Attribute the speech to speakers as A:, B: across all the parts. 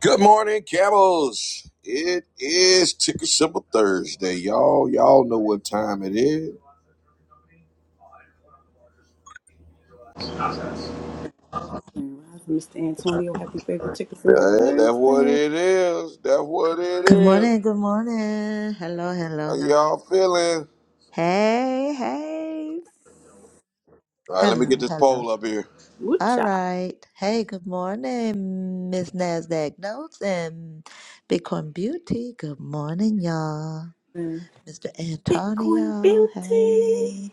A: Good morning, camels. It is Ticker Symbol Thursday, y'all. Y'all know what time it is.
B: Grand Rising, Mr. Antonio. Happy Favorite Chicken Symbol
A: Yeah, that's what
B: Thursday.
A: it is. That's what it
C: Good
A: is.
C: morning, good morning. Hello, hello,
A: How
C: hello.
A: y'all feeling?
C: Hey, hey.
A: All right, let me get
C: Hello,
A: this poll
C: hello.
A: up here.
C: All
B: Woocha.
C: right. Hey, good morning, Miss Nasdaq Notes and Bitcoin Beauty. Good morning, y'all. Mr.
B: Bitcoin
C: Antonio.
B: Beauty.
C: Hey.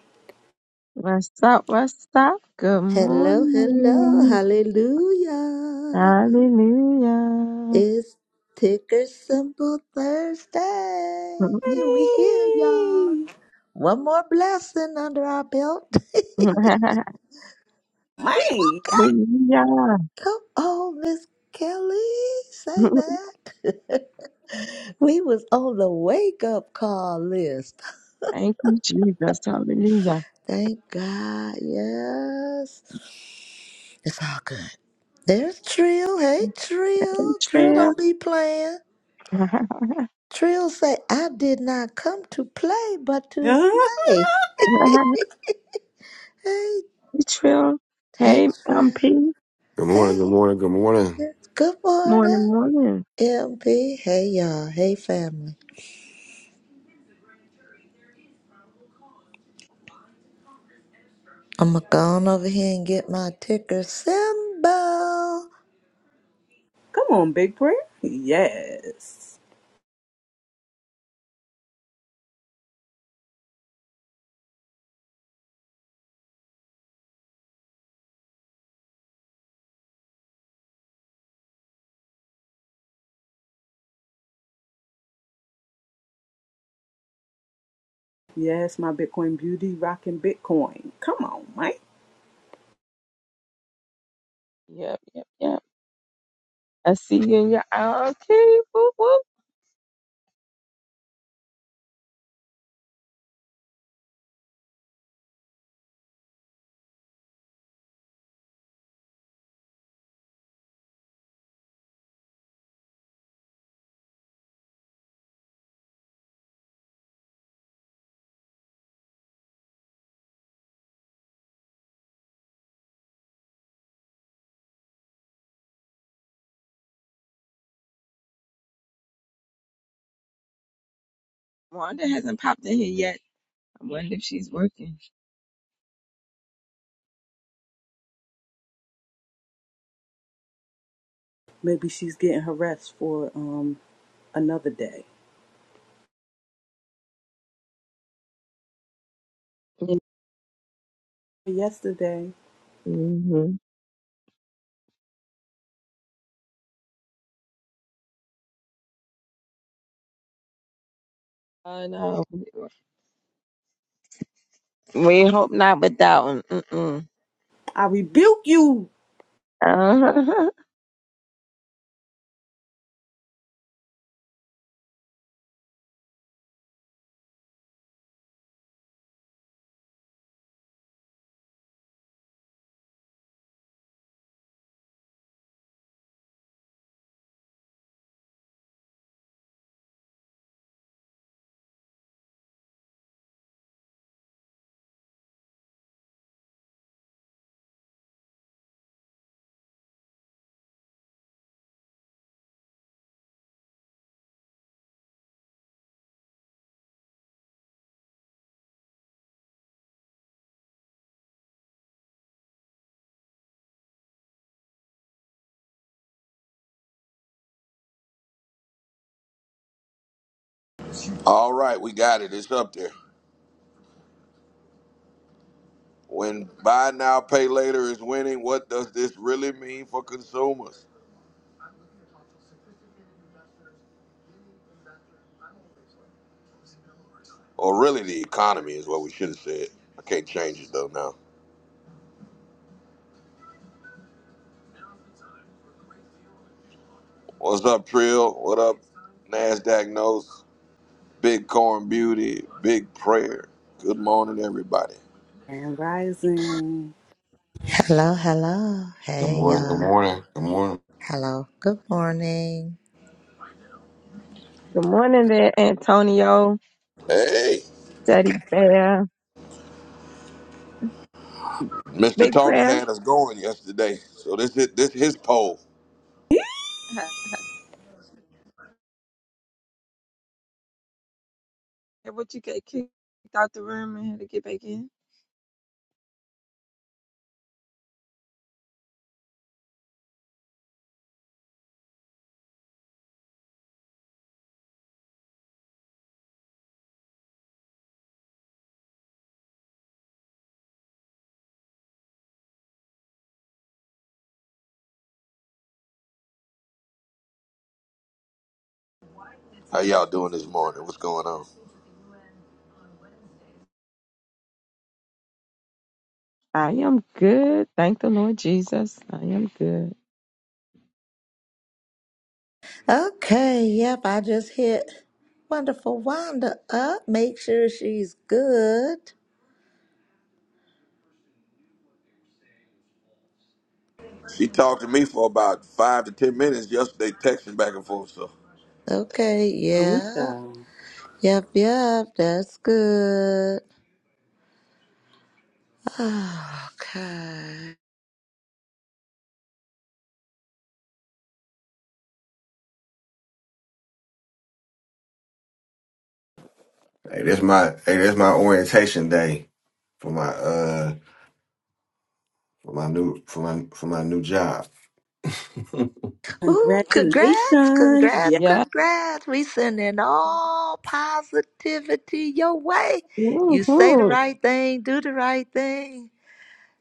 D: What's up? What's up? Good
C: Hello, hello.
D: morning.
C: Hallelujah.
D: Hallelujah.
C: It's Ticker Symbol Thursday. We here, y'all.
B: Hey.
C: One more blessing under our belt. We was
B: Man.
D: Hallelujah.
C: come on, Miss Kelly. Say that. We was on the wake up call list.
D: Thank you, Jesus. Hallelujah.
C: Thank God. Yes. It's all good. There's Trill. Hey
D: Hey,
C: Trill. Trill
D: Trill.
C: don't be playing. Trill say, I did not come to play but to
B: yeah.
C: slay.
D: hey,
C: Hey,
D: Trill.
C: hey
D: Hey, um,
C: Trill.
D: P.
E: Good morning, good
C: Hey.
E: morning, good morning.
C: yes, Good
D: Morning,
C: morning.
D: morning.
C: MP. Hey y'all. Hey family. I'ma go on over here and get my ticker symbol.
B: Come on, Big Prayer. Yes. Yes, my Bitcoin Beauty rocking Bitcoin. Come on, Mike.
D: Yep, yep, yep. I see you in your oh, okay. Whoop, whoop. Wanda hasn't popped in here yet. I wonder if she's working.
B: Maybe she's getting her rest for um another day. Yesterday,
D: hmm I know. We hope not with that one.
B: I rebuke you.
D: Uh-huh.
A: All right, we got it. It's up there. When buy now, pay later is winning, what does this really mean for consumers? Or really the economy is what we should have said. I can't change it though now. What's up, Trill? What up, NASDAQ knows? Big Corn Beauty, Big Prayer. Good morning, everybody.
B: And rising.
C: Hello, hello.
E: Good
C: Hey,
E: morning, good
C: y'all.
E: morning, good morning.
C: Hello. Good morning.
D: Good morning there, Antonio,
A: Hey,
D: Daddy Bear,
A: Mr.
D: Big
A: Tony
D: Prayer.
A: had us going yesterday, so this is this his poll.
D: Hi, What you get kicked out the room and had to get back in?
A: How y'all doing this morning? What's going on?
D: I am good. Thank the Lord Jesus. I am good.
C: Okay, yep, I just hit Wonderful Wanda up. Make sure she's good.
A: She talked to me for about five to ten minutes yesterday, texting back and forth. So,
C: Okay, yeah.
B: Woocha.
C: Yep, yep, that's good. Okay.
E: Hey, that's my hey, that's my orientation day for my uh for my new for my for my new job.
C: Ooh, congrats,
B: Congratulations.
C: congrats,
B: Yes.
D: Yeah.
C: congrats. We sending all positivity your way. You say the
D: Mm-hmm.
C: right thing, do the right thing.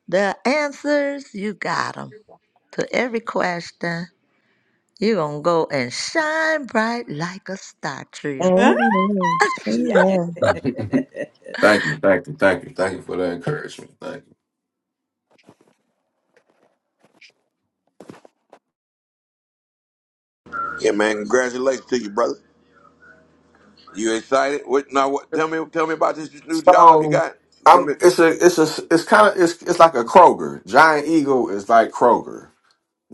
C: The answers, you got 'em. to every question. You're going to go and shine bright like a star, Tria.
D: Amen.
B: Yes.
D: Amen.
E: thank you, thank you, thank you, thank you for the encouragement. Thank
A: yeah, man, congratulations to you, brother. You excited? What now? What?
E: you.
A: Tell me, tell me about this new job you
E: So
A: got. Give me.
E: I'm it's a it's a it's kinda it's it's like a Kroger. Giant Eagle is like Kroger.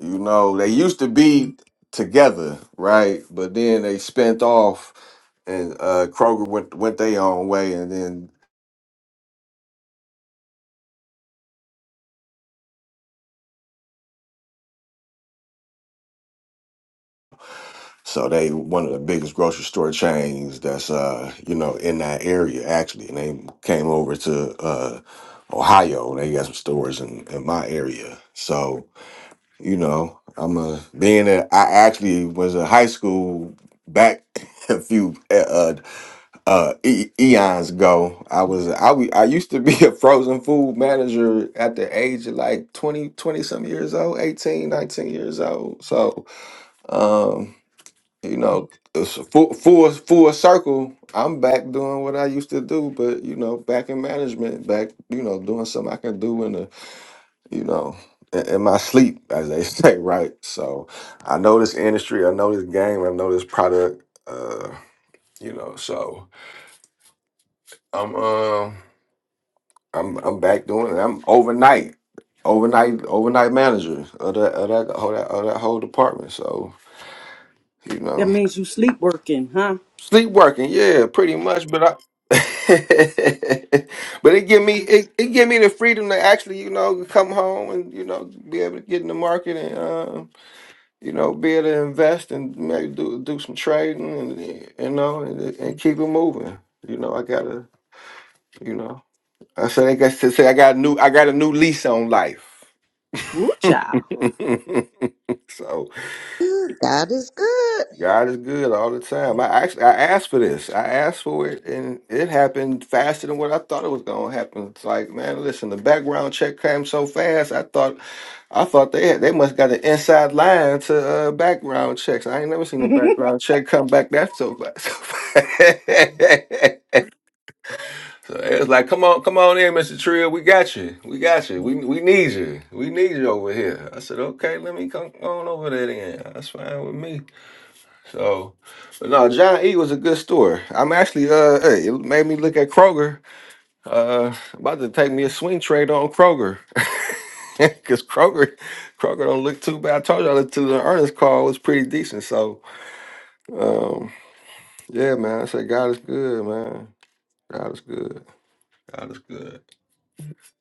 E: You know, they used to be together, right? But then they spent off and uh Kroger went went their own way and then So they one of the biggest grocery store chains that's uh you know in that area actually, and they came over to uh Ohio. and They got some stores in in my area. So you know I'm a being that I actually was in high school back a few uh uh e- eons ago. I was I wa- I used to be a frozen food manager at the age of like 20 20 some years old, 18 19 years old. So. Um, you know, it's a full full full circle. I'm back doing what I used to do, but you know, back in management, back you know, doing something I can do in the you know in, in my sleep, as they say, right? So I know this industry, I know this game, I know this product. Uh, you know, so I'm um I'm I'm back doing it. I'm overnight. Overnight, overnight manager of that of that, of that, of that whole department. So you
B: That
E: know,
B: means you sleep working, huh?
E: Sleepwalking, yeah, pretty much. But I, but it give me it, it give me the freedom to actually, you know, come home and you know be able to get in the market and um, you know be able to invest and maybe do do some trading and you know and, and keep it moving. You know, I gotta, you know, I said I got to say I got a new I got a new lease on life.
B: Woo child.
E: so.
C: Ooh, God is good
E: God is good all the time. I actually I asked for this. I asked for it, and it happened faster than what I thought it was going to happen. It's like, man, listen, the background check came so fast. I thought, I thought they had, they must got an inside line to uh, background checks. I ain't never seen a background check come back that so fast. So, fast. So it was like, come on, come on in, Mister Trill. We got you. We got you. We we need you. We need you over here. I said, okay, let me come on over there then. That's fine with me. So, but no, John E was a good store. I'm actually uh, hey, it made me look at Kroger. Uh, about to take me a swing trade on Kroger. Cause Kroger, Kroger don't look too bad. I told y'all that to the earnest call was pretty decent. So, um, yeah, man, I said God is good, man. God is good. God is good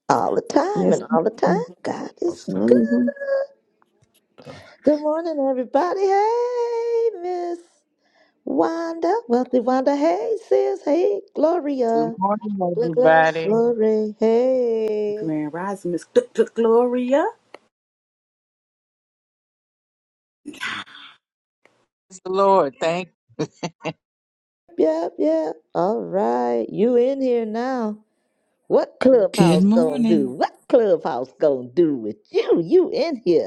C: all the time
D: Yes.
C: and all the time. God
E: all
C: is
E: the
C: good.
E: time.
D: Mm-hmm.
C: Good morning, everybody. Hey, Miss Wanda, wealthy Wanda. Hey, sis. Hey,
F: Good
C: Gloria.
F: morning,
C: Gl- gl-
F: everybody.
C: Glory. Hey.
B: Grand Rising Miss Th- Th- Gloria.
F: Praise the Lord, thank
C: Yep, yep. All right. You in here now. What
G: Good
C: clubhouse gonna do?
G: morning.
C: What clubhouse gonna do with you? You in here.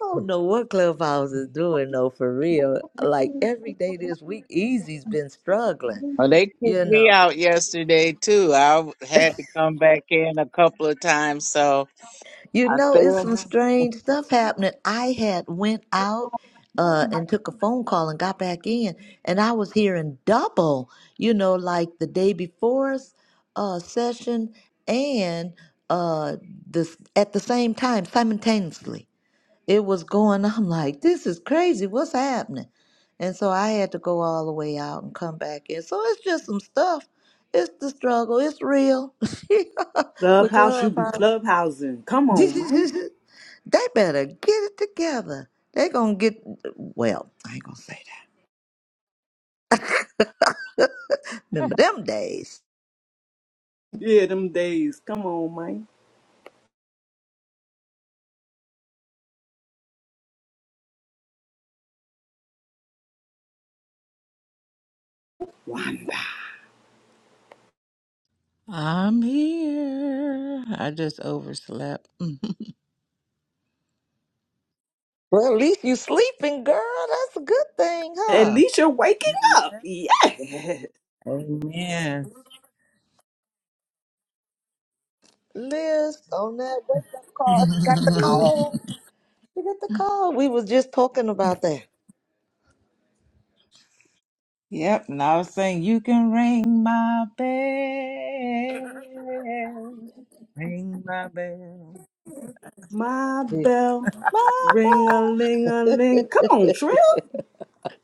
C: I don't know what Clubhouse is doing though, for real. Like every day this week, Easy's been struggling.
F: you. Well, they kicked
C: You
F: me
C: know,
F: out yesterday too. I had to come back in a couple of times, so
C: you
F: I
C: know,
F: stay
C: it's
F: in
C: some strange stuff happening. I had went out uh, and took a phone call and got back in, and I was hearing double. You know, like the day before's uh, session and uh, this at the same time simultaneously. it was going. I'm like, this is crazy. What's happening? And so I had to go all the way out and come back in. So it's just some stuff. It's the struggle. It's real with
B: Clubhouse, you be
C: Clubhouse.
B: clubhousing. Come
C: they
B: on, man.
C: better get it together. They gonna get well. I ain't gonna say that. Remember them days.
B: Yeah, them days. Come on, man.
G: I'm here. I just overslept.
C: Well, at least you sleeping, girl. That's a good thing,
B: At
C: huh?
B: least you're waking up.
G: Yeah.
B: Yes.
G: Amen.
C: Liz, on that wake up call, she got the call. She got the call. We was just talking about that.
G: yep, and I was saying, You can ring my bell. Ring my bell.
B: My bell. Ring
C: Mama.
B: a ling a ling. Come on, Trill.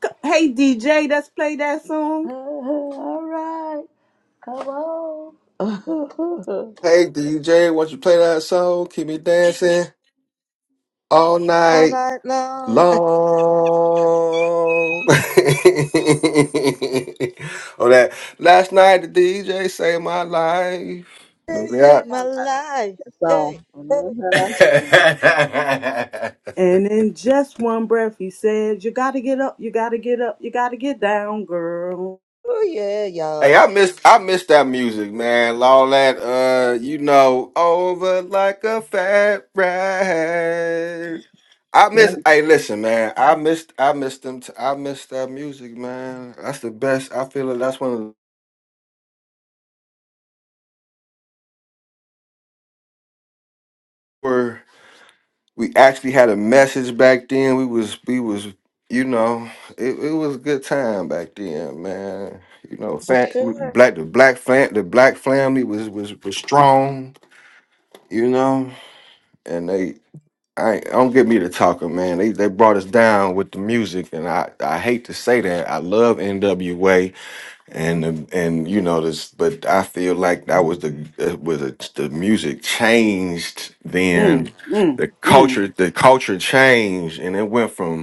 B: C- Hey, DJ, let's play that
C: Uh,
B: song.
C: all right. Come on.
E: Hey, DJ, won't you play that song? Keep me dancing all
C: all
E: night.
C: night long.
E: long. oh, that last night the DJ saved my life.
C: They
E: Remember
C: saved my
D: Yeah, I-
C: life.
D: so,
C: Hey, hey.
E: that?
D: mhm. yeah,
B: And in just one breath, he said, You gotta get up, you gotta get up, you gotta get down, girl.
C: Oh, yeah,
E: hey,
C: y'all.
E: I missed I missed that music, man. All that, uh, you know, over like a fat rat. I
D: yeah.
E: miss. Hey, listen, man. I missed. I missed them. T- I missed that music, man. That's the best. I feel like that's one of the. we actually had a message back then. We was we was you know it, it was a good time back then, man. You know,
C: For
E: fam,
C: sure.
E: black the black fam, the black family was was was strong. You know, and they I ain't- don't get me to talking, man. They they brought us down with the music, and I I hate to say that. I love N.W.A and the- and you know this, but I feel like that was the uh, was the, the music changed.
B: Mm,
E: Then
B: mm,
E: the
B: mm.
E: culture the culture changed, and it went from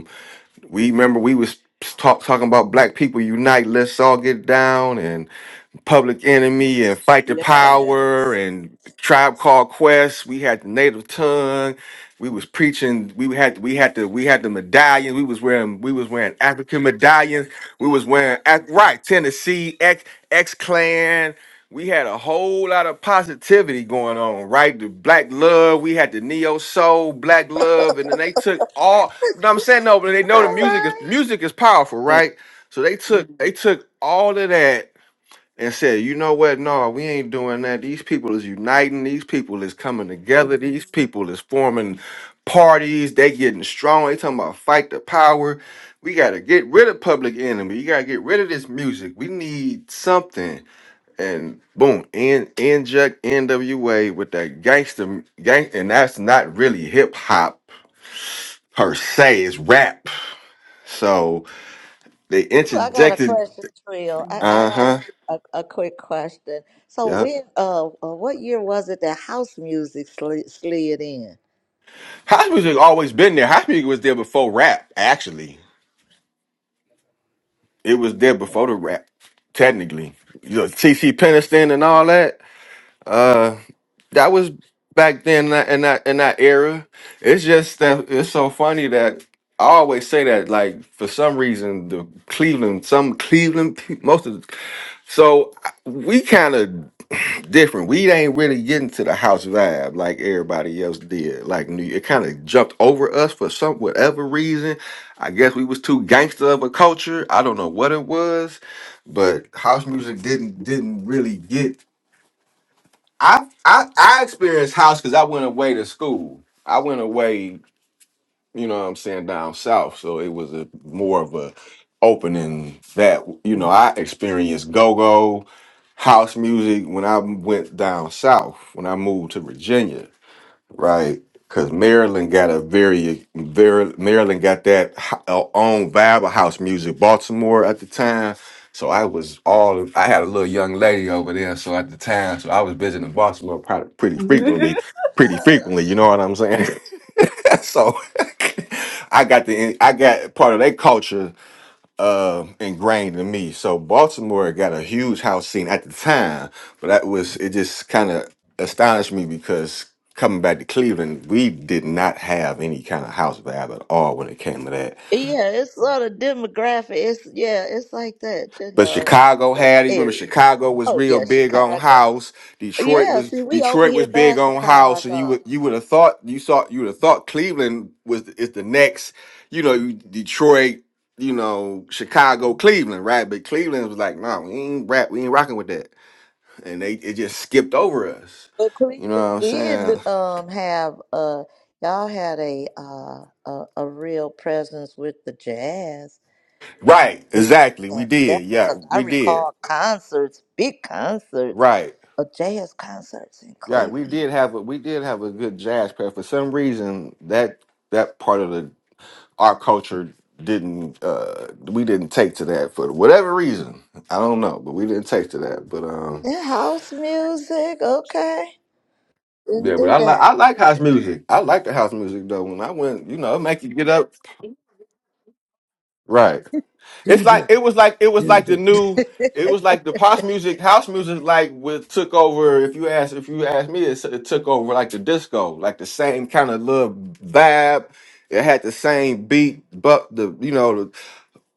E: we remember we was talk, talking about black people unite, let's all get down and public enemy and fight the power
B: Yes.
E: and tribe called quest. We had the native tongue. We was preaching. We had we had the we had the medallion. We was wearing we was wearing African medallions. We was wearing Af- right Tennessee X X clan we had a whole lot of positivity going on, right? The black love, we had the neo soul, black love, and then they took all. But I'm saying no, but they know the
C: All
E: music is
C: right.
E: music is powerful, right? So they took Mhm. they took all of that and said, you know what? No, we ain't doing that. These people is uniting. These people is coming together. These people is forming parties. They getting strong. They talking about fight the power. We gotta get rid of public enemy. You gotta get rid of this music. We need something and boom, in inject NWA with that gangster gang, and that's not really hip hop per se, it's rap. So they
C: I got a
E: interjected,
C: question, Trill. I, I
E: uh
C: got
E: huh,
C: a, a, a quick question. So,
E: yeah.
C: when, uh, uh, what year was it that house music slid, slid in?
E: House music always been there. House music was there before rap. Actually, it was there before the rap. Technically, you know, T.C. Peniston and all that. Uh, that was back then in that in that, in that era. It's just that it's so funny that I always say that. Like for some reason, the Cleveland, some Cleveland, pe- most of the, so I- we kind of different. We ain't really getting to the house vibe like everybody else did. Like New- it kind of jumped over us for some whatever reason. I guess we was too gangster of a culture. I don't know what it was, but house music didn't didn't really get I I I experienced house because I went away to school. I went away, you know what I'm saying, down south. So it was a more of a opening that you know, I experienced go-go house music when I went down south, when I moved to Virginia right? Because Maryland got a very, very Maryland got that ho- uh, own vibe of house music. Baltimore at the time, so I was all I had a little young lady over there. So at the time, so I was visiting Baltimore probably pretty frequently, pretty frequently. You know what I'm saying? so I got the I got part of their culture uh, ingrained in me. So Baltimore got a huge house scene at the time, but that was it. Just kind of astonished me because coming back to Cleveland, we did not have any kind of house vibe at all when it came to that.
C: Yeah, it's sort of demographic. It's yeah, it's like that, you
E: But
C: know.
E: Chicago had it. Remember,
C: Areas.
E: Chicago was
C: Oh
E: real
C: yeah,
E: big on
C: Chicago.
E: house. Detroit
C: Yeah,
E: was
C: see, we over
E: Detroit was
C: here by
E: big on house, and you
C: Chicago,
E: would you would have thought you saw you would have thought Cleveland was is the next, you know, you- Detroit, you know, Chicago, Cleveland, right? But Cleveland was like, no, we ain't rap, we ain't rocking with that, and they it just skipped over us.
C: but
E: You know what
C: Cleveland
E: I'm saying?
C: did um have uh y'all had a uh a, a real presence with the jazz
E: Right,
C: with
E: exactly. We
C: jazz
E: did,
C: definitely
E: yeah,
C: because I
E: we did.
C: recall concerts, big concerts,
E: Right,
C: uh, jazz concerts in
E: yeah, we
C: Cleveland.
E: did have a we did have a good jazz pair. For some reason, that that part of the our culture didn't uh we didn't take to that for whatever reason. I don't know, but we didn't take to that. But um
C: The house music, okay,
E: yeah,
C: didn't
E: but
C: do
E: I like
C: that.
E: I like house music. I like the house music though. When I went, you know, it make you get up. Right.
C: do.
E: It's like
C: doo,
E: it was like it was
C: doo
E: like the
C: do.
E: new it was like the pop music, house music, like with took over. If you ask, if you ask me, it, it took over like the disco, like the same kind of little vibe. It had the same beat, but the you know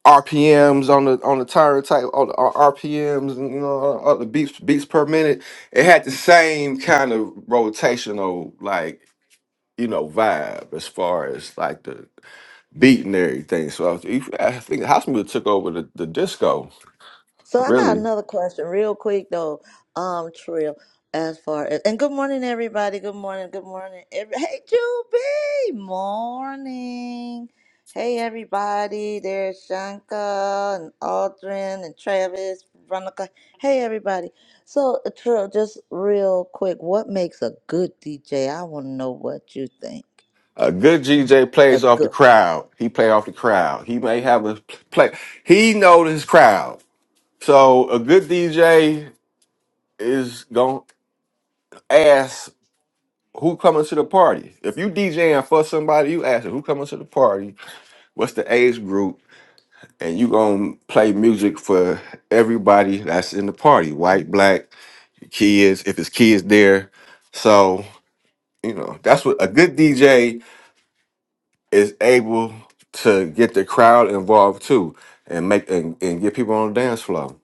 E: RPMs on the on the tire type on the uh, R- RPMs and you know all all the beats beats per minute. It had the same kind of rotational like you know vibe as far as like the beat and everything. So I, was- if- I think house music took over the, the disco
C: So I got
E: really.
C: another question real quick though, um, Trill, as far as and good morning everybody. Good morning, good morning. Every, hey Juby, morning. Hey everybody, there's Shanka and Aldrin and Travis, Veronica. Hey everybody. So uh, Trill, just real quick, what makes a good DJ? I wanna know what you think.
E: A good DJ
C: A
E: plays off the
C: good one.
E: crowd. He play off the crowd. He may have a play. He knows his crowd. So a good DJ is gonna ask. who coming to the party? If you DJing for somebody, you asking who coming to the party, what's the age group, and you gonna play music for everybody that's in the party, white, black, kids, if it's kids there. So, you know, that's what a good DJ is able to get the crowd involved too and make and, and get people on the dance floor.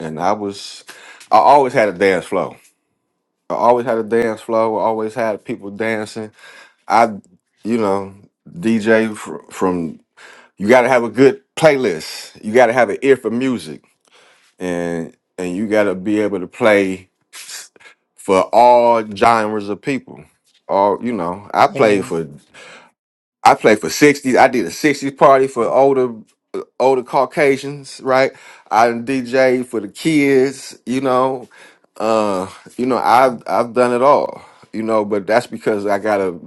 E: And I was I always had a dance floor. I always had a dance floor, I always had people dancing I, you know, DJ fr- from you got to have a good playlist. You got to have an ear for music, and and you got to be able to play for all genres of people. All you know, I played
C: Yeah.
E: for I played for sixties. I did a sixties party for older older Caucasians, right? I done DJ for the kids, you know. Uh, you know, I've I've done it all, you know, but that's because I gotta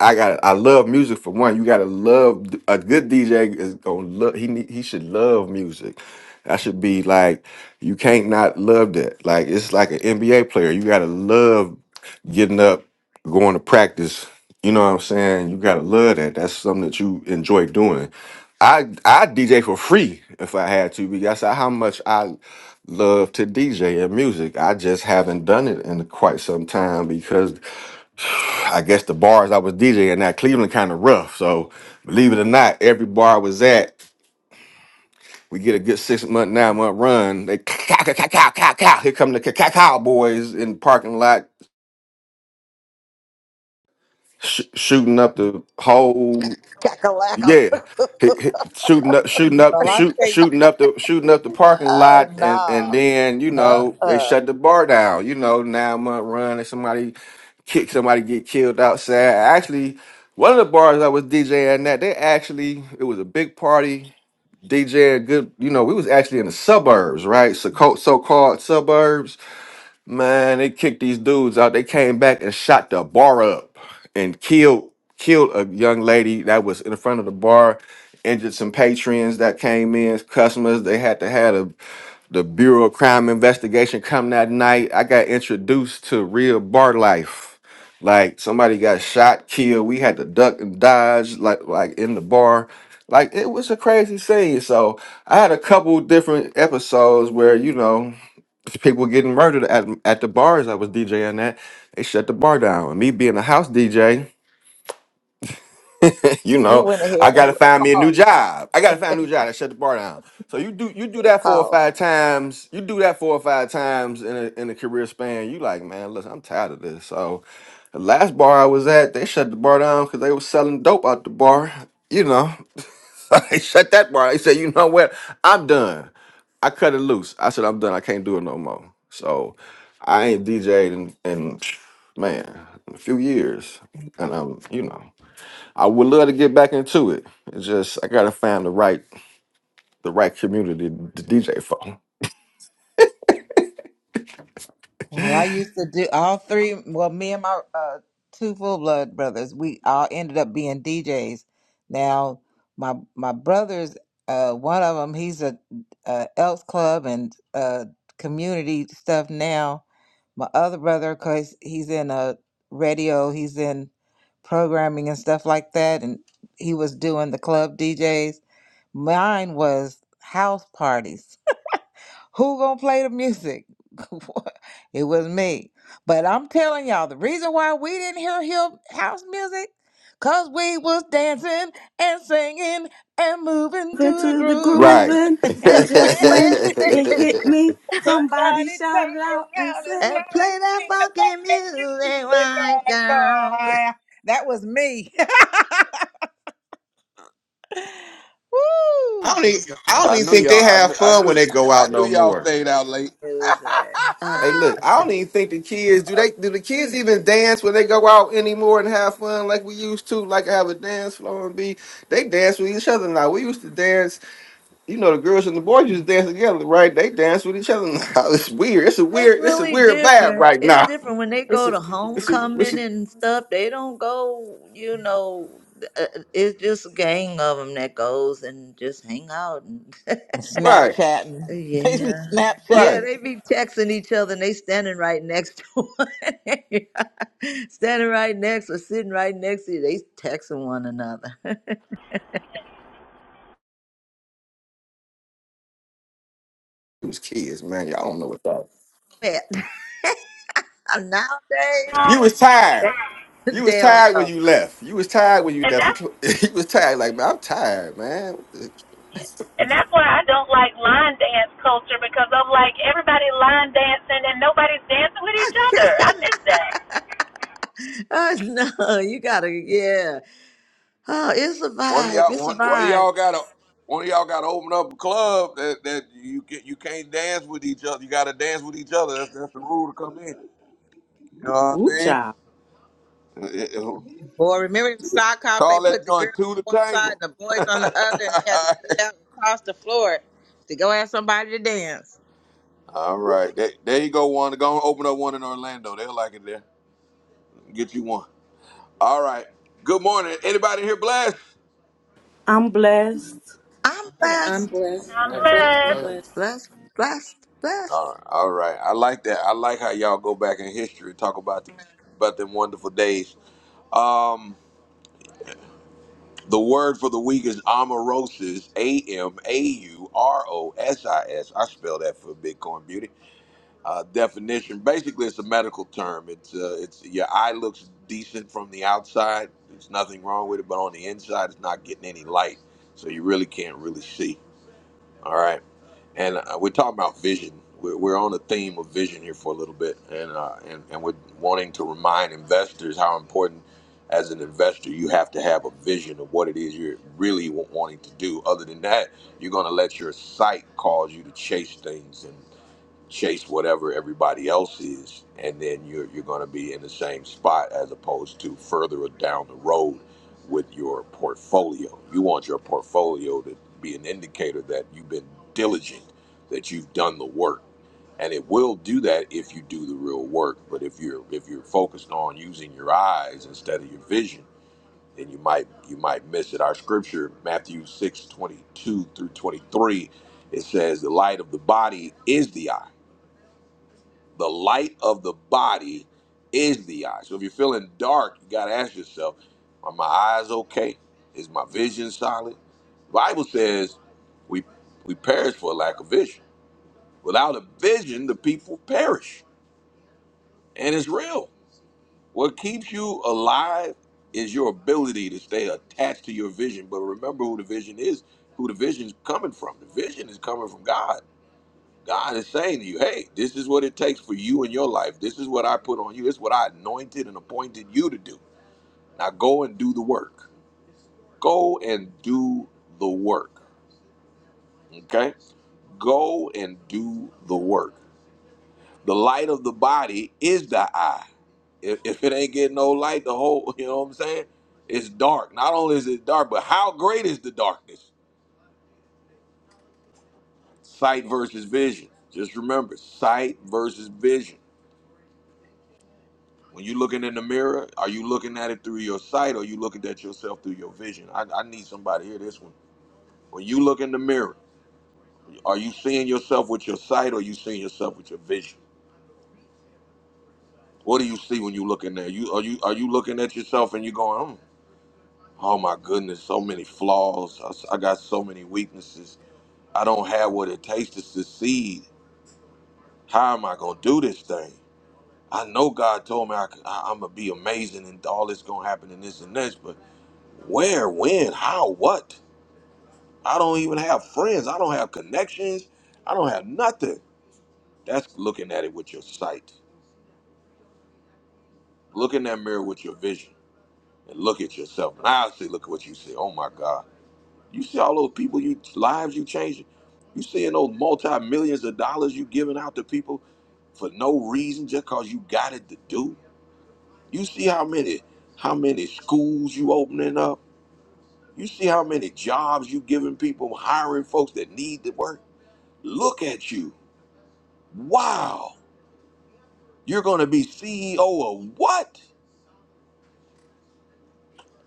E: I got to I love music for one. You gotta love a good DJ is gonna love he need- he should love music. That should be like you can't not love that. Like it's like an NBA player. You gotta love getting up, going to practice. You know what I'm saying? You gotta love that. That's something that you enjoy doing. I I DJ for free if I had to because that's how much I love to DJ and music. I just haven't done it in quite some time because I guess the bars I was DJing at Cleveland kind of rough. So believe it or not, every bar I was at, we get a good six month, nine month run. They cow, cow, cow, cow, cow, cow. Here come the cow boys in the parking lot sh- shooting up the whole
C: Cackalackle.
E: Yeah, Hit- hit- shooting up, shooting up,
G: Well, I
E: shoot,
G: tell you.
E: shooting up the, shooting up the parking lot, and and
C: oh
E: then you
C: no. Uh
E: know they
C: uh.
E: shut the bar down. You know, nine month run, and somebody kick somebody get killed outside. Actually, one of the bars I was DJing at, they actually it was a big party. DJing good, you know, we was actually in the suburbs, right? So so called suburbs Man, they kicked these dudes out. They came back and shot the bar up and killed killed a young lady that was in front of the bar, injured some patrons that came in, customers. They had to have a, the Bureau of Crime Investigation come that night. I got introduced to real bar life. Like somebody got shot, killed. We had to duck and dodge like like in the bar. Like it was a crazy scene. So I had a couple different episodes where, you know people getting murdered at at the bars I was DJing at. They shut the bar down. And me being a house DJ. you
C: You
E: know,
C: went
E: I
C: ahead and
E: gotta
C: pushed
E: find me a new
C: pause.
E: job. I gotta find a new job that shut the bar down. So you do you do that four or
C: Pause.
E: five times. You do that four or five times in a in a career span. You like, man, listen, I'm tired of this. So the last bar I was at, they shut the bar down because they were selling dope out the bar. You know, so they shut that bar. They said, you know what, I'm done. I cut it loose. I said, I'm done. I can't do it no more. So I ain't DJed in, in man, a few years, and I'm you know. I would love to get back into it. It's just I gotta find the right the right community to DJ for.
G: Well, I used to do all three. Well, me and my uh, two full blood brothers, we all ended up being DJs. Now, my my brothers, uh, one of them, he's a, a Elks Club and uh, community stuff now. My other brother, cause he's in a radio, he's in programming and stuff like that, and he was doing the club DJs. Mine was house parties. Who gonna play the music? it was me. But I'm telling y'all, the reason why we didn't hear him house music, cause we was dancing and singing and moving to the
B: Into the
G: groove and
E: Right.
B: grooving,
G: and
E: I
B: and
C: And
G: just when
B: just
C: just
B: when
C: went
B: it hit me, somebody
G: somebody
B: shouted
G: turned
B: out and
G: around and
B: said,
C: and
G: started
C: play that
G: playing that
C: fucking
G: fucking
C: music,
G: music,
C: white
G: boy,
C: girl.
G: boy. That was me. Woo!
E: don't even I don't
A: I
E: even
A: knew
E: think they
A: y'all. I
E: have
A: knew. I
E: fun when
A: knew.
E: they go
A: I
E: out
A: knew
E: no
A: y'all
E: more.
A: stayed out late.
C: Music. Uh,
E: Hey, look, I don't even think the kids do they do the kids even dance when they go out anymore and have fun like we used to, like have a dance floor and be they dance with each other now. We used to dance. you know, the girls and the boys used to dance together, right? They dance with each other now. It's weird. It's a
C: it's
E: weird. It's a
C: really
E: weird vibe
C: different.
E: right
C: It's
E: now.
C: different when they
E: It's
C: go
E: a.
C: to
E: It's a. It's
C: homecoming
E: a.
C: and stuff. They don't go, you know, uh, it's just a gang of them that goes and just hang out. And
E: Right.
G: Snapchatting. They be
C: yeah. Yeah,
E: Right.
G: Snapchatting
C: they be texting each other and they standing right next to one. standing right next or sitting right next to you. They texting one another.
E: It was kids, man. Y'all don't know what that.
C: that nowadays
E: You
H: Um,
E: was tired.
C: they they
E: You was
C: don't
E: tired when
C: know.
E: you left. You was tired when you
H: and
E: left. the
H: that's
E: cl- You was tired. Like man, I'm tired, man. What The
H: and that's why I don't like line dance culture because I'm like everybody line dancing and nobody's dancing with each other. I miss that.
C: oh, no, you gotta yeah. Oh, it's a
A: One of
C: vibe.
A: y'all,
C: It's
A: one,
C: a
A: one of
C: vibe.
A: y'all got to, one of y'all got to open up a club that, that you get, you can't dance with each other. You got to dance with each other. That's that's the rule to come in. You know what I
B: Ooh,
A: mean?
B: child,
A: It- it-
G: Boy, remember the sock hops? They
A: Call that
G: put the girls
A: joint two to
G: on one side
A: tango.
G: and the boys on the other, and they had to get out and cross the floor to go ask somebody to dance.
A: All
G: Woo.
A: right, there, there you go. One, go and open up one in Orlando. They'll like it there. Get you one. All right. Good morning. Anybody here blessed?
B: I'm blessed.
C: I'm
I: I'm
C: blessed,
I: blessed.
H: I'm
I: I'm
E: Blast, man,
I: blessed. I'm
H: blessed.
I: blessed.
E: blast.
C: blessed, blessed, blessed.
A: All right, all right. I like that. I like how y'all go back in history and talk about the, about them wonderful days. Um, The word for the week is amaurosis, A M A U R O S I S. I spell that for Bitcoin Beauty. Uh, definition basically, it's a medical term. It's, uh, it's your eye looks decent from the outside, there's nothing wrong with it, but on the inside, it's not getting any light. So you really can't really see. All right and uh, we're talking about vision. We're, we're on a theme of vision here for a little bit, and, uh, and and we're wanting to remind investors how important, as an investor, you have to have a vision of what it is you're really wa- wanting to do. Other than that, you're going to let your sight cause you to chase things and chase whatever everybody else is, and then you're you're going to be in the same spot as opposed to further down the road with your portfolio. You want your portfolio to be an indicator that you've been diligent, that you've done the work, and it will do that if you do the real work. But if you're if you're focused on using your eyes instead of your vision, then you might you might miss it. Our scripture, Matthew six twenty two through twenty three, it says the light of the body is the eye. The light of the body is the eye. So if you're feeling dark, you got to ask yourself, are my eyes okay? Is my vision solid? The Bible says we we perish for a lack of vision. Without a vision, the people perish. And it's real. What keeps you alive is your ability to stay attached to your vision. But remember who the vision is, who the vision's coming from. The vision is coming from God. God is saying to you, hey, this is what it takes for you in your life. This is what I put on you. It's what I anointed and appointed you to do. Now go and do the work. Go and do the work. Okay? Go and do the work. The light of the body is the eye. If, if it ain't getting no light, the whole, you know what I'm saying? It's dark. Not only is it dark, but how great is the darkness? Sight versus vision. Just remember, sight versus vision. When you're looking in the mirror, are you looking at it through your sight or are you looking at yourself through your vision? I, I need somebody to hear this one. When you look in the mirror, are you seeing yourself with your sight or are you seeing yourself with your vision? What do you see when you look in there? You are you are you looking at yourself and you going, "Hmm, oh my goodness, so many flaws. I, I got so many weaknesses. I don't have what it takes to succeed. How am I gonna do this thing? I know God told me I, am gonna be amazing and all this gonna happen and this and this, but where, when, how, what? I don't even have friends. I don't have connections. I don't have nothing. That's looking at it with your sight. Look in that mirror with your vision and look at yourself. And I say, look at what you see. Oh my God. You see all those people you lives you changing. You seeing those multi millions of dollars you giving out to people for no reason just cause you got it to do. You see how many how many schools you opening up. You see how many jobs you giving people, hiring folks that need to work. Look at you. Wow. You're going to be CEO of what?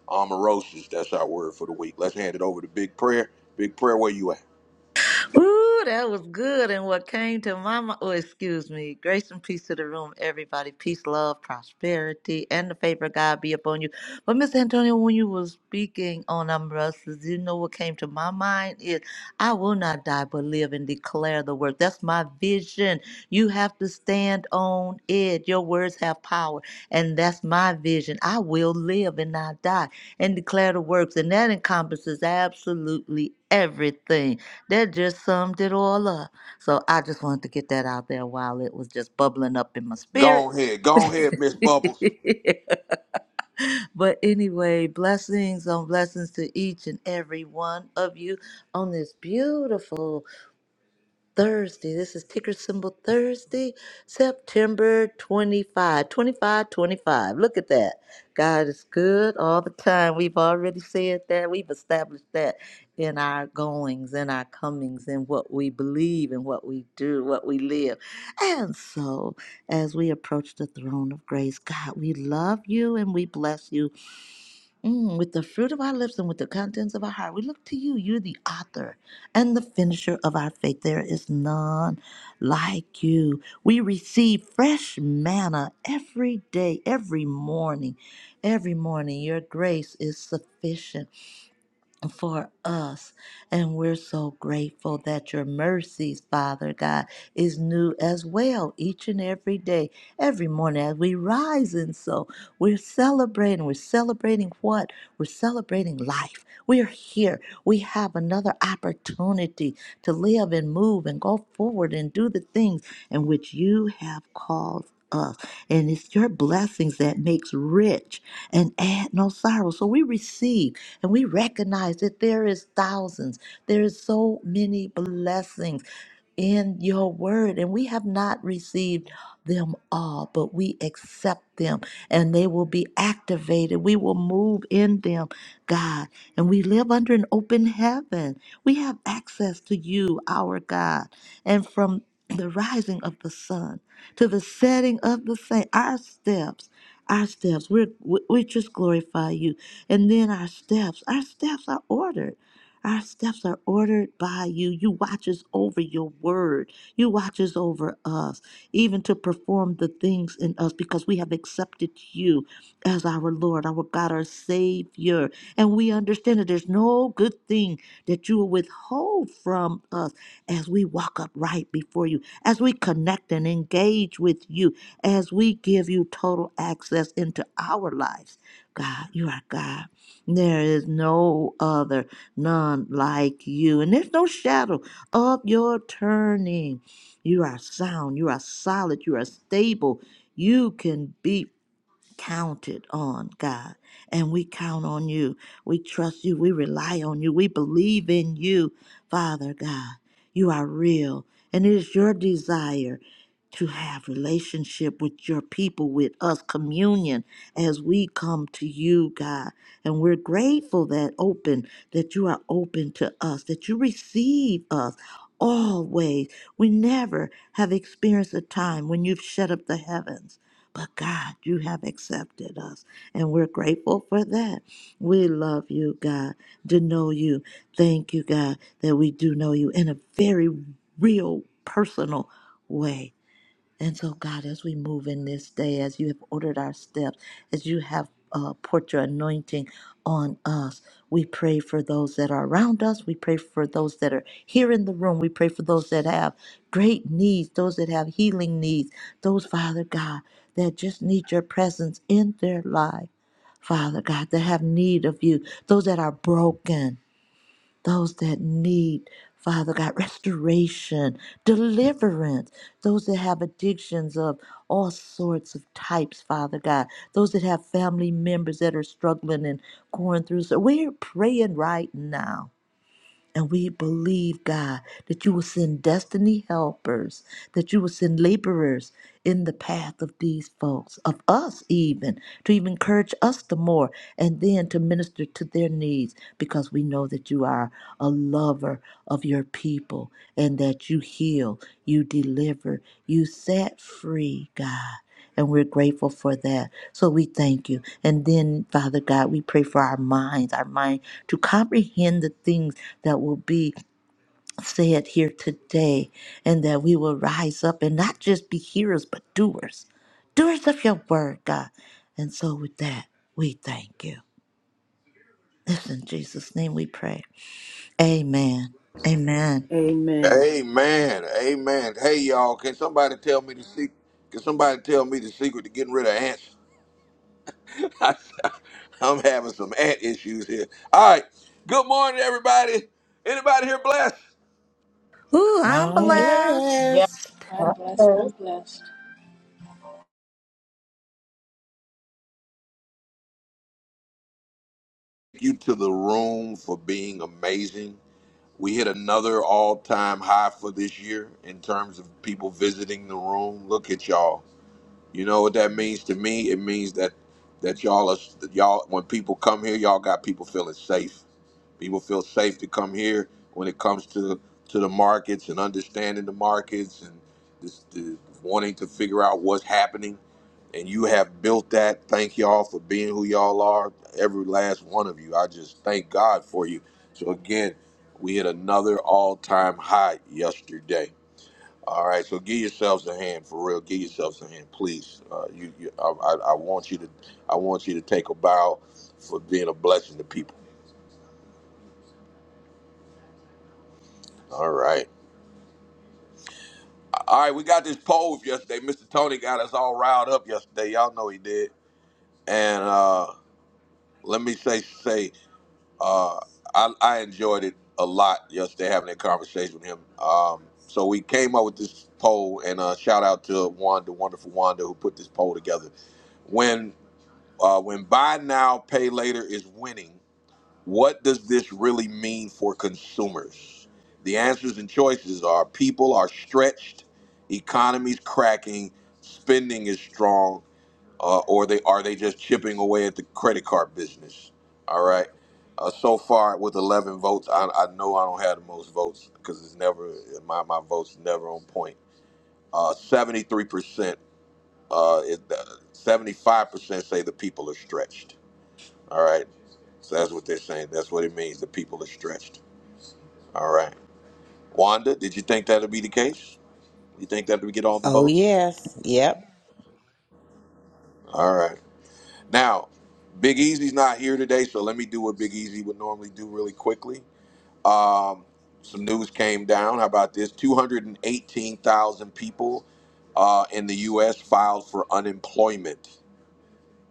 A: Omarosis. That's our word for the week. Let's hand it over to Big Prayer. Big Prayer, where you at?
C: Ooh, that was good. And what came to my mind, oh, excuse me, grace and peace to the room, everybody. Peace, love, prosperity, and the favor of God be upon you. But, Mr. Antonio, when you were speaking on umbrellas, you know what came to my mind is I will not die but live and declare the word. That's my vision. You have to stand on it. Your words have power. And that's my vision. I will live and not die and declare the works. And that encompasses absolutely everything. That just summed it all up. So I just wanted to get that out there while it was just bubbling up in my
A: Go
C: spirit.
A: ahead, go ahead, Miss Bubbles.
C: But anyway, blessings on blessings to each and every one of you on this beautiful. Thursday. This is ticker symbol Thursday, September 25. 25, twenty-five. Look at that. God is good all the time. We've already said that. We've established that in our goings, in our comings, in what we believe, in what we do, what we live. And so, as we approach the throne of grace, God, we love you and we bless you. Mm, with the fruit of our lips and with the contents of our heart, we look to you. You're the author and the finisher of our faith. There is none like you. We receive fresh manna every day, every morning. Every morning, your grace is sufficient for us. And we're so grateful that your mercies, Father God, is new as well each and every day, every morning as we rise. And so we're celebrating. We're celebrating what? We're celebrating life. We're here. We have another opportunity to live and move and go forward and do the things in which you have called us. And it's your blessings that makes rich and add no sorrow. So we receive and we recognize that there is thousands, there is so many blessings in your word, and we have not received them all, but we accept them and they will be activated. We will move in them, God, and we live under an open heaven. We have access to you, our God, and from the rising of the sun to the setting of the same, our steps. Our steps, we're, we we just glorify you. And then our steps, our steps are ordered. Our steps are ordered by you. You watch us over your word. You watch us over us, even to perform the things in us because we have accepted you as our Lord, our God, our Savior. And we understand that there's no good thing that you will withhold from us as we walk upright before you, as we connect and engage with you, as we give you total access into our lives. God, you are God. There is no other none like you. And there's no shadow of your turning. You are sound, you are solid, you are stable. You can be counted on, God. And we count on you. We trust you. We rely on you. We believe in you, Father God. You are real. And it is your desire to have relationship with your people, with us, communion as we come to you, God. And we're grateful that open, that you are open to us, that you receive us always. We never have experienced a time when you've shut up the heavens but God, you have accepted us, and we're grateful for that. We love you, God, to know you. Thank you, God, that we do know you in a very real, personal way. And so, God, as we move in this day, as you have ordered our steps, as you have uh, poured your anointing on us, we pray for those that are around us. We pray for those that are here in the room. We pray for those that have great needs, those that have healing needs, those, Father God, that just need your presence in their life. Father God, that have need of you, those that are broken those that need, Father God, restoration, deliverance, those that have addictions of all sorts of types, Father God, those that have family members that are struggling and going through. So we're praying right now and we believe, God, that you will send destiny helpers, that you will send laborers in the path of these folks, of us even, to even encourage us the more, and then to minister to their needs, because we know that you are a lover of your people and that you heal, you deliver, you set free, God and we're grateful for that. So we thank you. And then, Father God, we pray for our minds, our mind to comprehend the things that will be said here today, and that we will rise up and not just be hearers, but doers, doers of your word, God. And so, with that, we thank you. It's in Jesus' name we pray. Amen. Amen.
B: Amen.
A: Amen, amen. Hey, y'all, can somebody tell me the secret? Can somebody tell me the secret to getting rid of ants? I'm having some ant issues here. All right, good morning, everybody. Anybody here blessed?
C: Ooh, I'm
G: I'm
D: Man,
C: blessed.
D: yeah.
G: blessed.
I: I'm blessed.
D: Okay.
I: I'm blessed.
A: you to the room for being amazing. We hit another all time high for this year in terms of people visiting the room. Look at y'all. You know what that means to me? It means that that y'all are that y'all when people come here, y'all got people feeling safe. People feel safe to come here when it comes to to the markets and understanding the markets and just uh, wanting to figure out what's happening and you have built that. Thank y'all for being who y'all are, every last one of you. I just thank God for you. So again, we hit another all-time high yesterday. All right, so give yourselves a hand for real. Give yourselves a hand, please. Uh, you, you I, I, I want you to, I want you to take a bow for being a blessing to people. All right, all right. We got this poll yesterday. Mr. Tony got us all riled up yesterday. Y'all know he did. And uh, let me say, say Uh, I, I enjoyed it a lot yesterday having that conversation with him. Um, so we came up with this poll, and uh, shout out to Wanda, wonderful Wanda, who put this poll together. When uh, when buy now, pay later is winning, what does this really mean for consumers? The answers and choices are: people are stretched, economies cracking, spending is strong, uh, or they are they just chipping away at the credit card business? All right. Uh, so far with 11 votes, I, I know I don't have the most votes because it's never my my votes never on point. Uh, 73 percent, uh, it- uh, 75 percent say the people are stretched. All right, so that's what they're saying. That's what it means. The people are stretched. All right, Wanda, did you think that would be the case? You think that we get all the
G: Oh,
A: votes?
G: yes. Yep.
A: All right. Now, Big Easy's not here today, so let me do what Big Easy would normally do really quickly. Um, some news came down. How about this? 218,000 people uh, in the U.S. filed for unemployment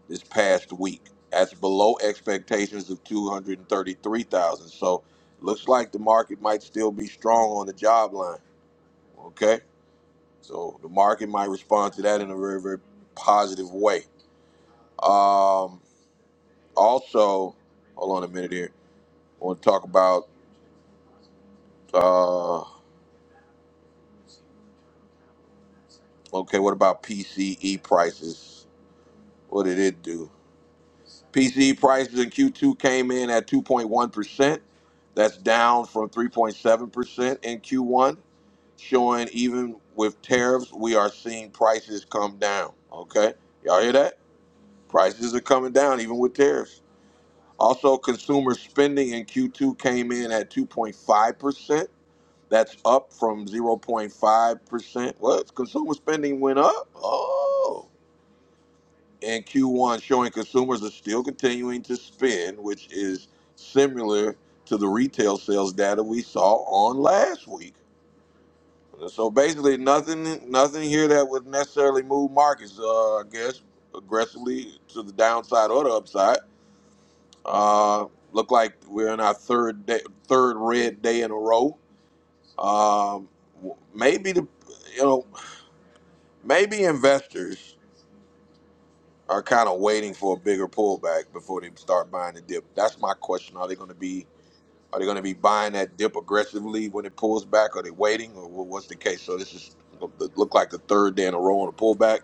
A: this past week. That's below expectations of 233,000. So, looks like the market might still be strong on the job line. Okay, so the market might respond to that in a very, very positive way. Um, Also, hold on a minute here. I want to talk about uh, okay, what about PCE prices? What did it do? PCE prices in Q2 came in at 2.1%. That's down from 3.7% in Q1, showing even with tariffs, we are seeing prices come down. Okay? Y'all hear that? Prices are coming down even with tariffs. Also, consumer spending in Q2 came in at 2.5%. That's up from 0.5%. What? Consumer spending went up? Oh. In Q1, showing consumers are still continuing to spend, which is similar to the retail sales data we saw on last week. So basically, nothing nothing here that would necessarily move markets, uh, I guess, aggressively to the downside or the upside. Uh, look like we're in our third day, third red day in a row. Um, maybe the you know Maybe investors are kind of waiting for a bigger pullback before they start buying the dip. That's my question. Are they going to be are they going to be buying that dip aggressively when it pulls back? Are they waiting, or wha- what's the case? So this is look like the third day in a row on a pullback.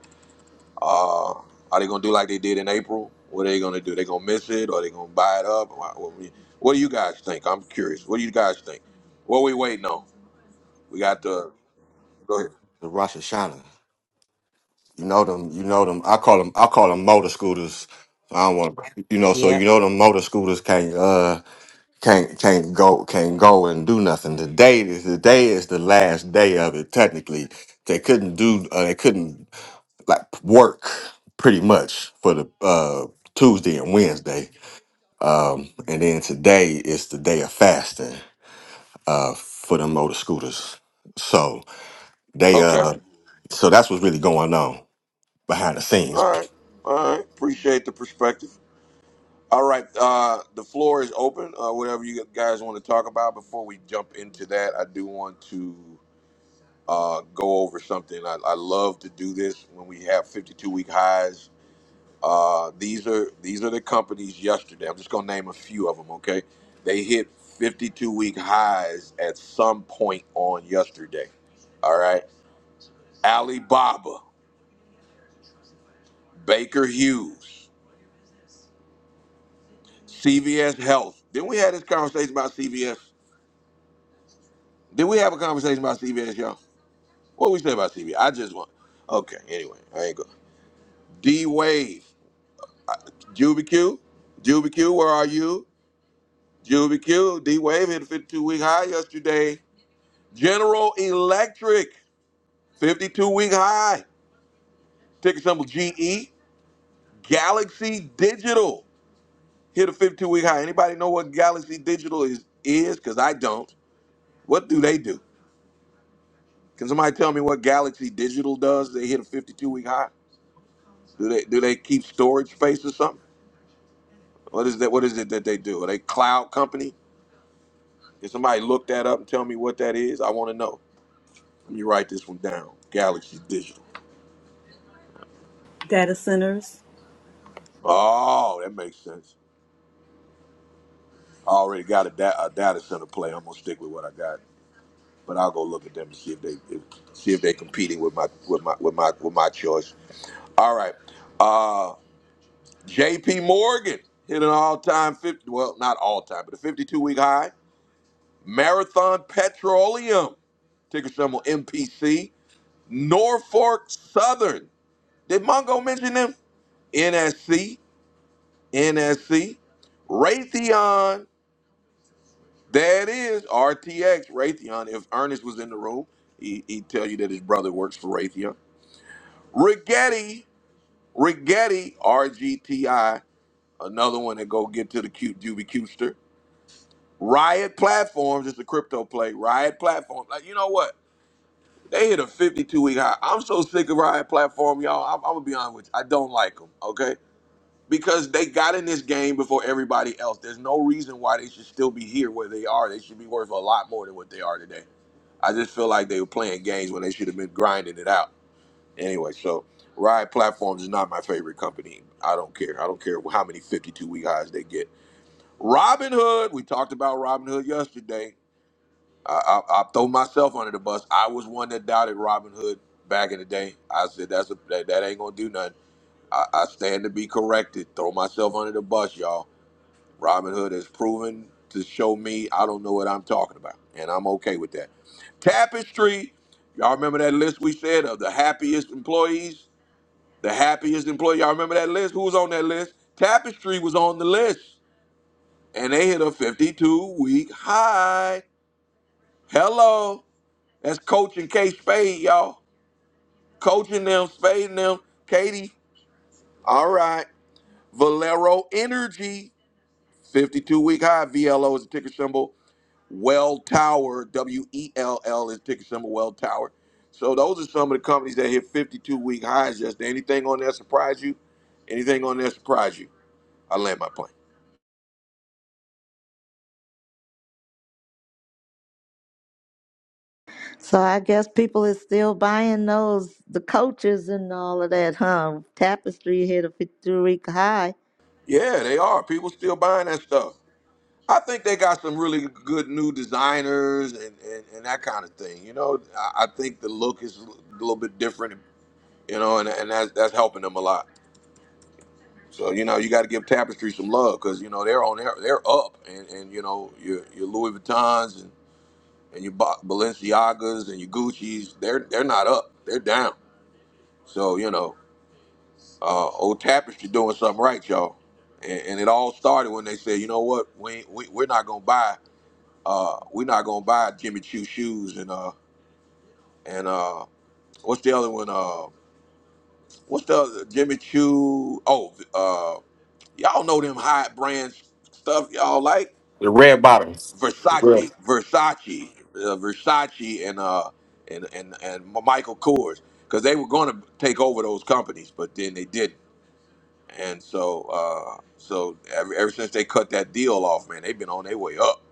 A: Uh, are they going to do like they did in April? What are they going to do? They going to miss it, or they going to buy it up? Wha- What, we- what do you guys think? I'm curious. What do you guys think? What we waiting on? We got the go ahead.
E: The Rosh Hashanah. You know them. You know them. I call them. I call them motor scooters. I don't want. You know. So you
G: Yep.
E: know them motor scooters can't. Uh. can't can't go can't go and do nothing. Today is today is the last day of it. Technically, they couldn't do uh, they couldn't like work pretty much for the uh, Tuesday and Wednesday, um, and then today is the day of fasting uh, for the motor scooters. So they
A: Okay.
E: uh so that's what's really going on behind the scenes.
A: All right. All right. Appreciate the perspective. All right, uh, the floor is open. Uh, whatever you guys want to talk about before we jump into that, I do want to uh, go over something. I, I love to do this when we have 52 week highs. Uh, these are these are the companies yesterday. I'm just gonna name a few of them. Okay, they hit 52 week highs at some point on yesterday. All right, Alibaba, Baker Hughes, CVS Health. Didn't we have this conversation about CVS? Did we have a conversation about CVS, y'all? What we say about CB? I just want. Okay, anyway, I ain't go. D Wave, Juby Q, Juby Q, where are you? Juby Q, D Wave hit a 52 week high yesterday. General Electric, 52 week high. Ticker symbol GE. Galaxy Digital hit a 52 week high. Anybody know what Galaxy Digital is? Is because I don't. What do they do? Can somebody tell me what Galaxy Digital does? They hit a 52 week high. Do they do they keep storage space or something? What is that? What is it that they do? Are they cloud company? Can somebody look that up and tell me what that is? I want to know. Let me write this one down. Galaxy Digital.
B: Data centers.
A: Oh, that makes sense. I already got a, da- a data center play. I'm gonna stick with what I got, but I'll go look at them and see if they if, see if they're competing with my with my with my with my choice. All right. Uh, J.P. Morgan hit an all-time 50. Well, not all-time, but a 52-week high. Marathon Petroleum ticker symbol MPC. Norfolk Southern. Did Mongo mention them? NSC, NSC, Raytheon. There it is, RTX, Raytheon. If Ernest was in the room, he, he'd tell you that his brother works for Raytheon. Rigetti, Rigetti, RGTI, another one that go get to the cute Juby Cutester. Riot Platforms, it's a crypto play. Riot Platforms. Like, you know what? They hit a 52 week high. I'm so sick of Riot Platform, y'all. I'm, I'm going to be honest with you. I don't like them, okay? because they got in this game before everybody else. There's no reason why they should still be here where they are. They should be worth a lot more than what they are today. I just feel like they were playing games when they should have been grinding it out. Anyway, so Ride Platforms is not my favorite company. I don't care. I don't care how many 52 week highs they get. Robinhood, we talked about Robinhood yesterday. I, I, I throw myself under the bus. I was one that doubted Robinhood back in the day. I said that's a, that, that ain't gonna do nothing. I, I stand to be corrected. Throw myself under the bus, y'all. Robinhood has proven to show me I don't know what I'm talking about, and I'm okay with that. Tapestry, y'all remember that list we said of the happiest employees? The happiest employee, y'all remember that list? Who was on that list? Tapestry was on the list, and they hit a 52 week high. Hello, that's coaching K Spade, y'all. Coaching them, spading them. Katie, all right. Valero Energy, 52 week high. VLO is the ticker symbol. Well Tower, W E L L is ticker symbol Well Tower. So those are some of the companies that hit 52 week highs yesterday. Anything on there surprise you? Anything on there surprise you? I land my plane.
C: So I guess people is still buying those the coaches and all of that, huh? Tapestry hit a fifty-week high.
A: Yeah, they are. People still buying that stuff. I think they got some really good new designers and, and, and that kind of thing. You know, I, I think the look is a little bit different, you know, and, and that's, that's helping them a lot. So, you know, you got to give Tapestry some love because, you know, they're on there, they're up. And, and you know, your, your Louis Vuittons and and your Ba- Balenciagas and your Gucci's, they're they're not up. They're down. So you know, uh, old Tapestry doing something right, y'all. And, and it all started when they said, you know what, we ain't- we we're not gonna buy, uh, we're not gonna buy Jimmy Choo shoes and uh and uh what's the other one? Uh, what's the other Jimmy Choo? Oh, uh, y'all know them high brand stuff y'all like.
E: The red bottoms.
A: Versace, Versace, uh, Versace, and uh, and and and Michael Kors, because they were going to take over those companies, but then they didn't, and so uh, so ever, ever since they cut that deal off, man, they've been on their way up.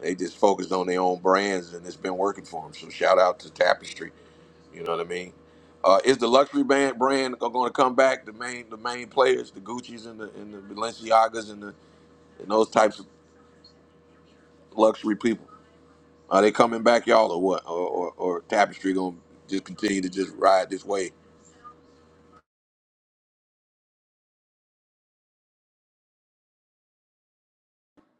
A: They just focused on their own brands, and it's been working for them. So shout out to Tapestry, you know what I mean. Uh, is the luxury band brand going to come back? The main the main players, the Gucci's and the and the Balenciagas and the and those types of luxury people. Are they coming back, y'all, or what? Or, or, or Tapestry gonna just continue to just ride this way?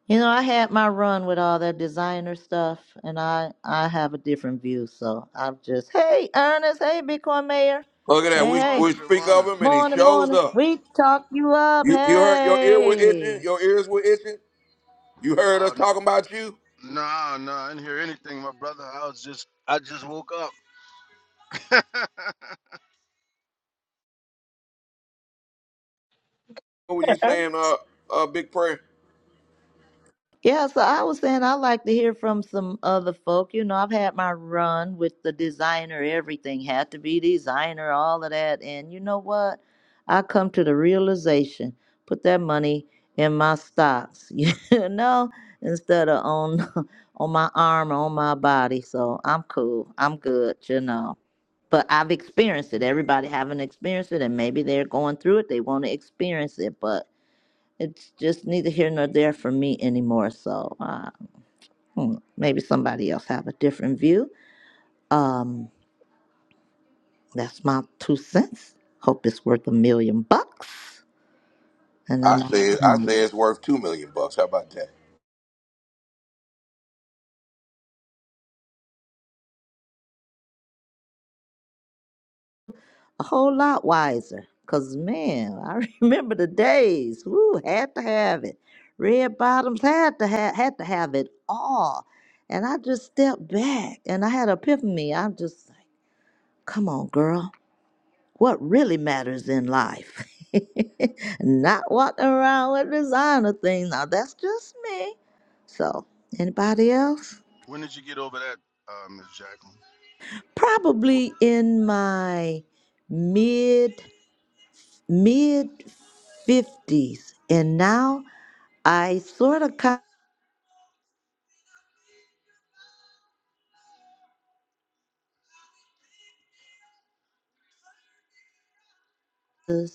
C: You know, I had my run with all that designer stuff, and I I have a different view. So I'm just, hey Ernest, hey Bitcoin Mayor,
A: Look at that.
C: hey
J: Good
A: We
C: hey,
J: morning.
A: we
J: Good
A: speak of
J: morning.
A: him, and he
C: morning
A: shows
C: morning,
A: up.
C: we talk you up,
A: You you heard your ear were itching.
C: hey.
A: Your ears were itching. You heard
J: Oh,
A: us
J: n-
A: talking about you.
J: nah, nah. I didn't hear anything, my brother. I was just, I just woke up.
A: What were you saying? Uh, uh, big prayer.
C: Yeah, so I was saying I like to hear from some other folk. You know, I've had my run with the designer, everything had to be designer, all of that. And you know what? I come to the realization, put that money in my stocks, you know, instead of on on my arm, or on my body. So I'm cool. I'm good, you know. But I've experienced it. Everybody haven't experienced it and maybe they're going through it. They want to experience it. But it's just neither here nor there for me anymore. So uh, hmm, maybe somebody else have a different view. Um, that's my two cents. Hope it's worth a million bucks, and
A: I
C: I'm off
A: said
C: the
A: I
C: mic.
A: say it's worth two million bucks. How about that?
C: a whole lot wiser. Cause man, I remember the days. Woo, had to have it. Red bottoms had to have had to have it all. And I just stepped back, and I had an epiphany. I'm just like, come on, girl what really matters in life. Not walking around with designer things. Now that's just me. So, anybody else?
J: when did you get over that, uh, Miss Jacqueline? What,
C: Probably in my mid mid 50s. And now I sort of kind of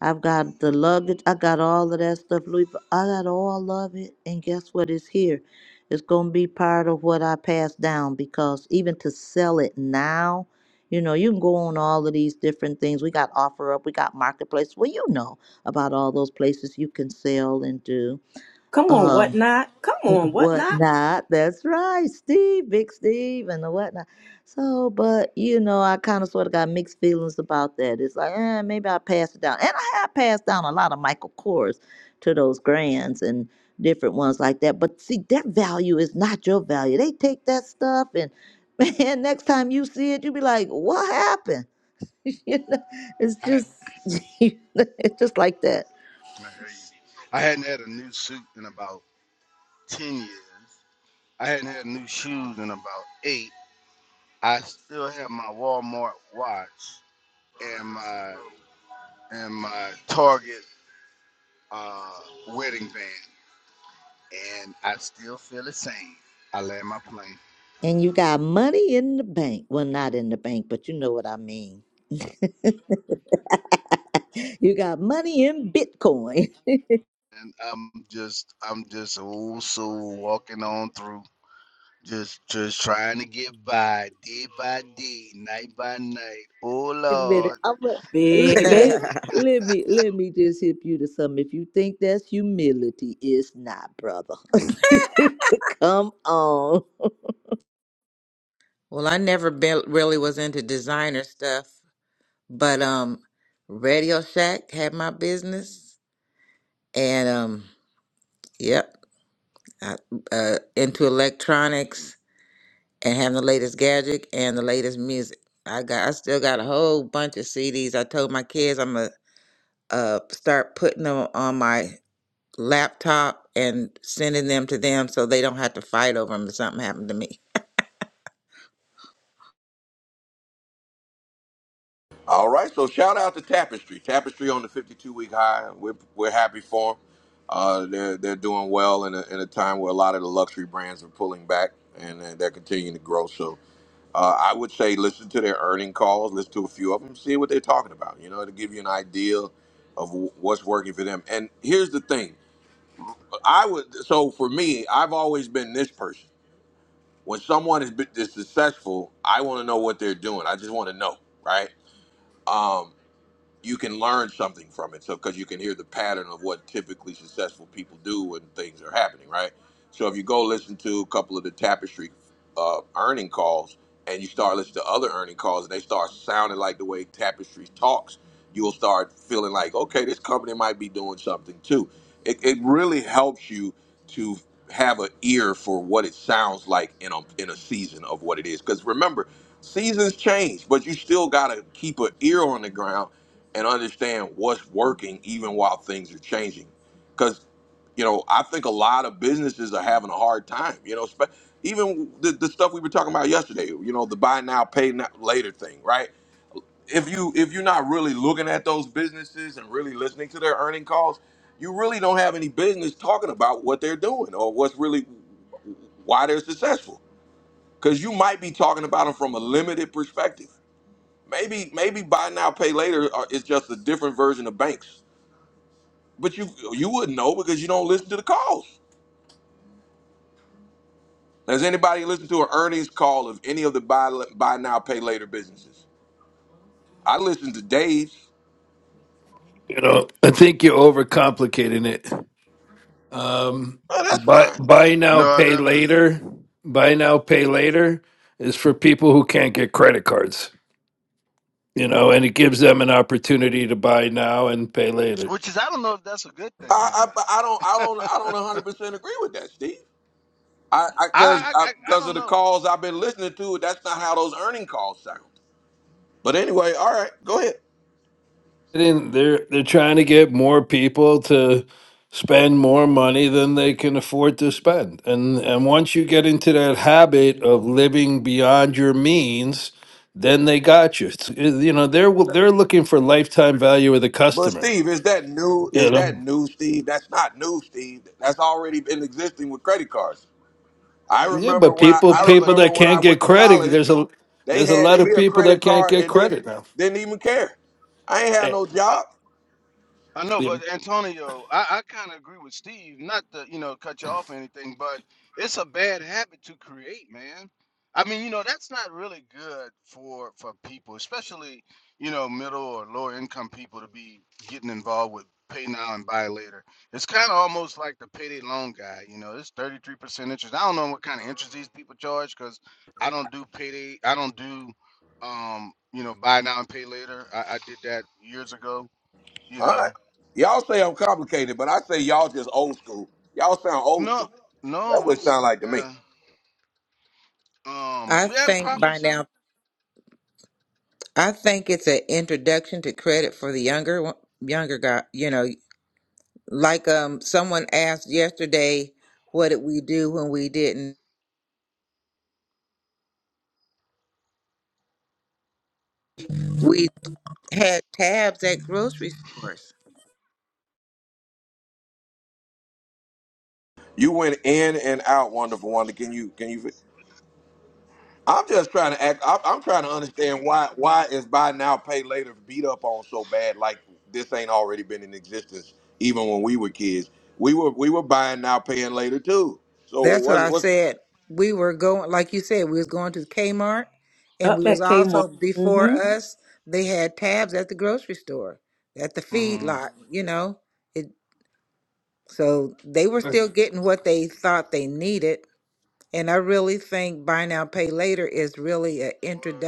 C: I've got the luggage. I got all of that stuff, Louis. Vu- I got all of it, and guess what? It's here. It's gonna be part of what I pass down because even to sell it now, you know, you can go on all of these different things. We got offer up, we got marketplace. Well, you know about all those places you can sell and do.
B: Come on,
C: Um,
B: what not? Come on, what not?
C: whatnot. That's right, Steve, Big Steve, and the whatnot. So, but you know, I kind of sort of got mixed feelings about that. It's like, eh, maybe I'll pass it down. And I have passed down a lot of Michael Kors to those grands and different ones like that. But see, that value is not your value. They take that stuff and man, next time you see it, you be like, what happened? you know, it's
J: I,
C: just
J: I
C: it's just like that.
J: hear you. I hadn't had a new suit in about ten years. I hadn't had new shoes in about eight. I still have my Walmart watch and my and my Target uh, wedding band, and I still feel the same. I land my plane.
C: And you got money in the bank. Well, not in the bank, but you know what I mean. You got money in Bitcoin.
J: And I'm just, I'm just old soul walking on through, just, just trying to get by, day by day, night by night. Oh
C: Wait a minute.
J: Lord,
C: I'm gonna- l-
B: Baby.
C: let, let me let me just hip you to something. If you think that's humility, it's not, brother. Come on.
G: well, I never been, really was into designer stuff, but um, Radio Shack had my business, and um, yep, I, uh, into electronics. and having the latest gadget and the latest music. I got I still got a whole bunch of CDs. I told my kids I'm gonna uh, start putting them on my laptop and sending them to them so they don't have to fight over them if something happened to me.
A: All right, so shout out to Tapestry. Tapestry on the 52 week high. We're, we're happy for them. Uh, they're, they're doing well in a, in a time where a lot of the luxury brands are pulling back and they're they're continuing to grow. So uh, I would say listen to their earning calls, listen to a few of them, see what they're talking about. You know, it'll give you an idea of wh- what's working for them. And here's the thing I would, so for me, I've always been this person. When someone is, is successful, I want to know what they're doing. I just want to know, right? Um, you can learn something from it. So because you can hear the pattern of what typically successful people do when things are happening, right? So if you go listen to a couple of the tapestry uh, earning calls and you start listening to other earning calls and they start sounding like the way tapestry talks, you'll start feeling like, okay, this company might be doing something too. It, it really helps you to have an ear for what it sounds like in a in a season of what it is. Because remember, seasons change, but you still gotta keep an ear on the ground and understand what's working even while things are changing. Because, you know, I think a lot of businesses are having a hard time, you know, spe- even the, the stuff we were talking about yesterday, you know, the buy now, pay now, later thing, right? If you if you're not really looking at those businesses and really listening to their earning calls, you really don't have any business talking about what they're doing or what's really why they're successful. Because you might be talking about them from a limited perspective Maybe maybe buy now pay later are- is just a different version of banks, but you you wouldn't know because you don't listen to the calls. Has anybody listened to an earnings call of any of the buy buy now pay later businesses? I listened to Dave's.
K: You know, I think you're overcomplicating it. Um,
A: Oh, that's
K: buy,
A: fine.
K: buy now,
J: no, I
K: pay
J: haven't.
K: later. Buy now, pay later is for people who can't get credit cards. You know, and it gives them an opportunity to buy now and pay later.
J: Which is, I don't know if that's a good thing or
A: I,
J: not.
A: I I don't I don't I don't 100 percent agree with that, Steve. I because
J: I, I,
A: I,
J: I I
A: because
J: don't
A: of the
J: know.
A: calls I've been listening to, that's not how those earning calls sound. But anyway, all right, go ahead.
K: getting- they're they're trying to get more people to spend more money than they can afford to spend and and once you get into that habit of living beyond your means then they got you It's- it- you know they're they're looking for lifetime value of the
A: But
K: customer
A: Steve, is that new?
K: you
A: Is that
K: know
A: new, Steve? That's not new, Steve. That's already been existing with credit cards. I
K: yeah
A: remember
K: but
A: when I,
K: people
J: I
A: I
J: know, but,
K: people
A: remember
K: that
A: when I
K: can't
A: went
K: get
A: to
K: credit
A: college,
K: there's a
A: they
K: there's a lot
A: handed me
K: of
A: a
K: people
A: credit
K: that can't
A: card
K: get
A: and didn't
K: credit now
A: didn't even care. I ain't had
K: yeah
A: no
J: but
A: job.
J: I know,
K: yeah.
J: but Antonio, I, I kind of agree with Steve. Not to you know cut you off or anything, but it's a bad habit to create, man. I mean, you know, that's not really good for for people, especially you know middle or lower income people to be getting involved with pay now and buy later. It's kind of almost like the payday loan guy. You know, it's thirty three percent interest. I don't know what kind of interest these people charge because I don't do payday. I don't do um you know buy now and pay later. I, I did that years ago. You
A: All
J: know.
A: right. Y'all say I'm complicated, but I say y'all just old school. Y'all sound old
J: No,
A: school.
J: no,
A: That's
J: we.
A: what it
J: s-
A: sound like to me.
J: Yeah. Um.
G: I
J: Yeah,
G: think
J: probably
G: by
J: so.
G: now I think it's an introduction to credit for the younger one- younger guy. You know, like um someone asked yesterday, what did we do when we didn't? We had tabs at grocery stores
A: You went in and out,
J: So
A: wonderful wonder.
J: much
A: Can you can you? I'm just trying to act. I'm, I'm trying to understand why why is buy now pay later beat up on so bad? Like this ain't already been in existence even when we were kids. We were we were buying now paying later too. So
G: That's what
A: what's
G: I
A: what's
G: said. We were going, like you said, we was going to Kmart, and
B: Up
G: we was
B: at Kmart.
G: also before
B: Mm-hmm.
G: us. They had tabs at the grocery store, at the
J: traffic.
G: feed
J: Mm-hmm.
G: lot. You know, it. So they were still getting what they thought they needed, and I really think buy now pay later is really an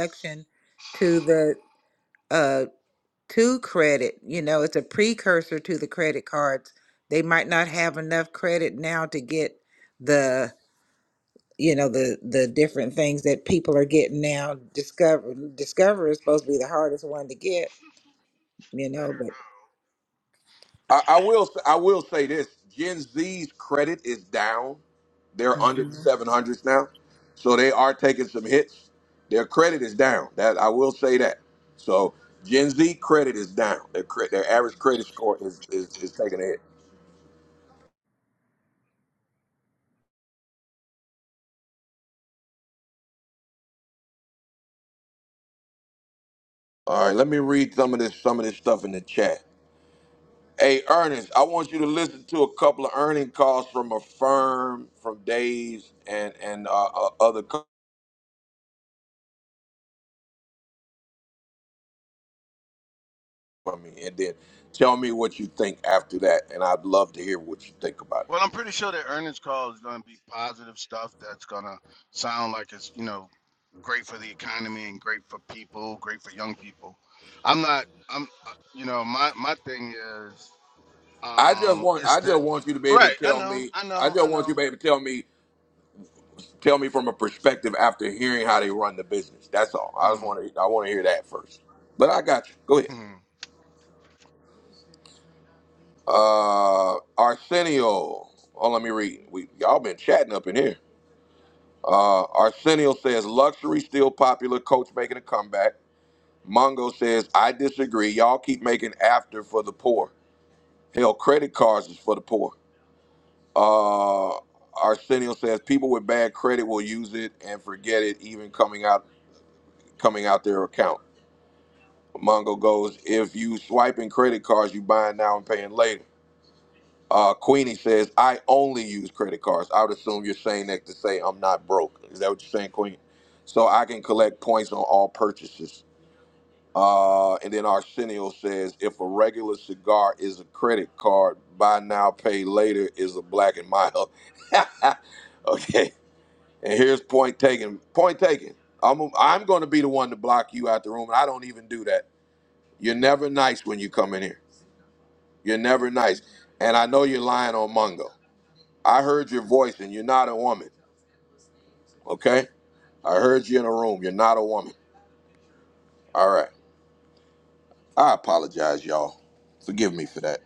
J: Us.
G: to the uh to credit. You know, it's a precursor to the credit cards. They might not have enough credit now to get the you know the the different things that people are getting now discover discover is supposed to be the hardest one to get you know but
A: I, I will I will say this: Gen Z's credit is down. They're under the
G: Mhm.
A: 700s now, so they are taking some hits. Their credit is down. That I will say that. So Gen Z credit is down. Their cre- their average credit score is is, is taking a hit. All right, let me read some of this some of this stuff in the chat. Hey, Ernest, I want you to listen to a couple of earning calls from a firm, from Days, and and uh, uh, other company, and then tell me what you think after that. And I'd love to hear what you think about it.
J: Well, I'm pretty sure that earnings call is going to be positive stuff that's going to sound like it's, you know, great for the economy and great for people, great for young people. I'm not, I'm, uh, you know, my, my thing is,
A: I just
J: um,
A: want
J: is
A: I just
J: that,
A: want you to be able to
J: right, I
A: tell
J: know,
A: me.
J: I
A: I
J: know,
A: just
J: I
A: want you to
J: know.
A: be able to tell me tell me from a perspective after hearing how they run the business. That's all. I just
J: Mm,
A: want to I want to hear that first. But I got you. Go ahead.
J: mm.
A: Uh, Arsenio. Oh, let me read. We y'all been chatting up in here. Uh, Arsenio says luxury still popular. Coach making a comeback. Mongo says I disagree. Y'all keep making after for the poor. Hell, credit cards is for the poor. Uh, Arsenio says people with bad credit will use it and forget it, even coming out coming out their account. Mongo goes, if you swiping credit cards, you buying now and paying later. Uh, Queenie says, I only use credit cards. I would assume you're saying that to say I'm not broke. Is that what you're saying, Queenie? So I can collect points on all purchases. Uh, and then Arsenio says, if a regular cigar is a credit card, buy now, pay later is a black and mild. okay. And here's point taken. Point taken. I'm, I'm going to be the one to block you out the room. And I don't even do that. You're never nice when you come in here. You're never nice. And I know you're lying on Mungo. I heard your voice and you're not a woman. Okay? I heard you in a room. You're not a woman. All right. I apologize, y'all. Forgive me for that.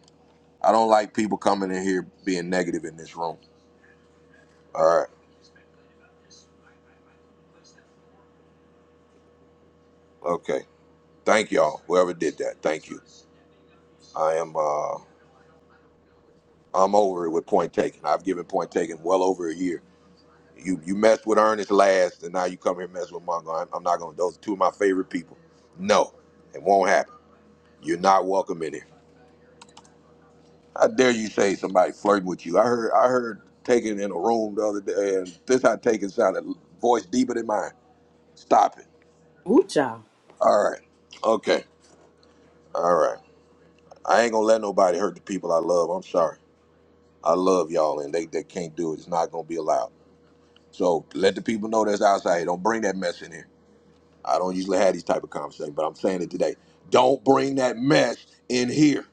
A: I don't like people coming in here being negative in this room. All right. Okay. Thank y'all. Whoever did that. Thank you. I am uh I'm over it with point taken. I've given point taken well over a year. You you messed with Ernest last and now you come here and mess with Mongo. I'm, I'm not gonna those are two of my favorite people. No. It won't happen. You're not welcome in here. I dare you say somebody flirting with you? I heard I heard taken in a room the other day, and this how taken sounded voice deeper than mine. Stop it.
B: Ooh, child.
A: All right. Okay. All right. I ain't gonna let nobody hurt the people I love. I'm sorry. I love y'all, and they, they can't do it. It's not gonna be allowed. So let the people know that's outside. Don't bring that mess in here. I don't usually have these type of conversations, but I'm saying it today. Don't bring that mess in here.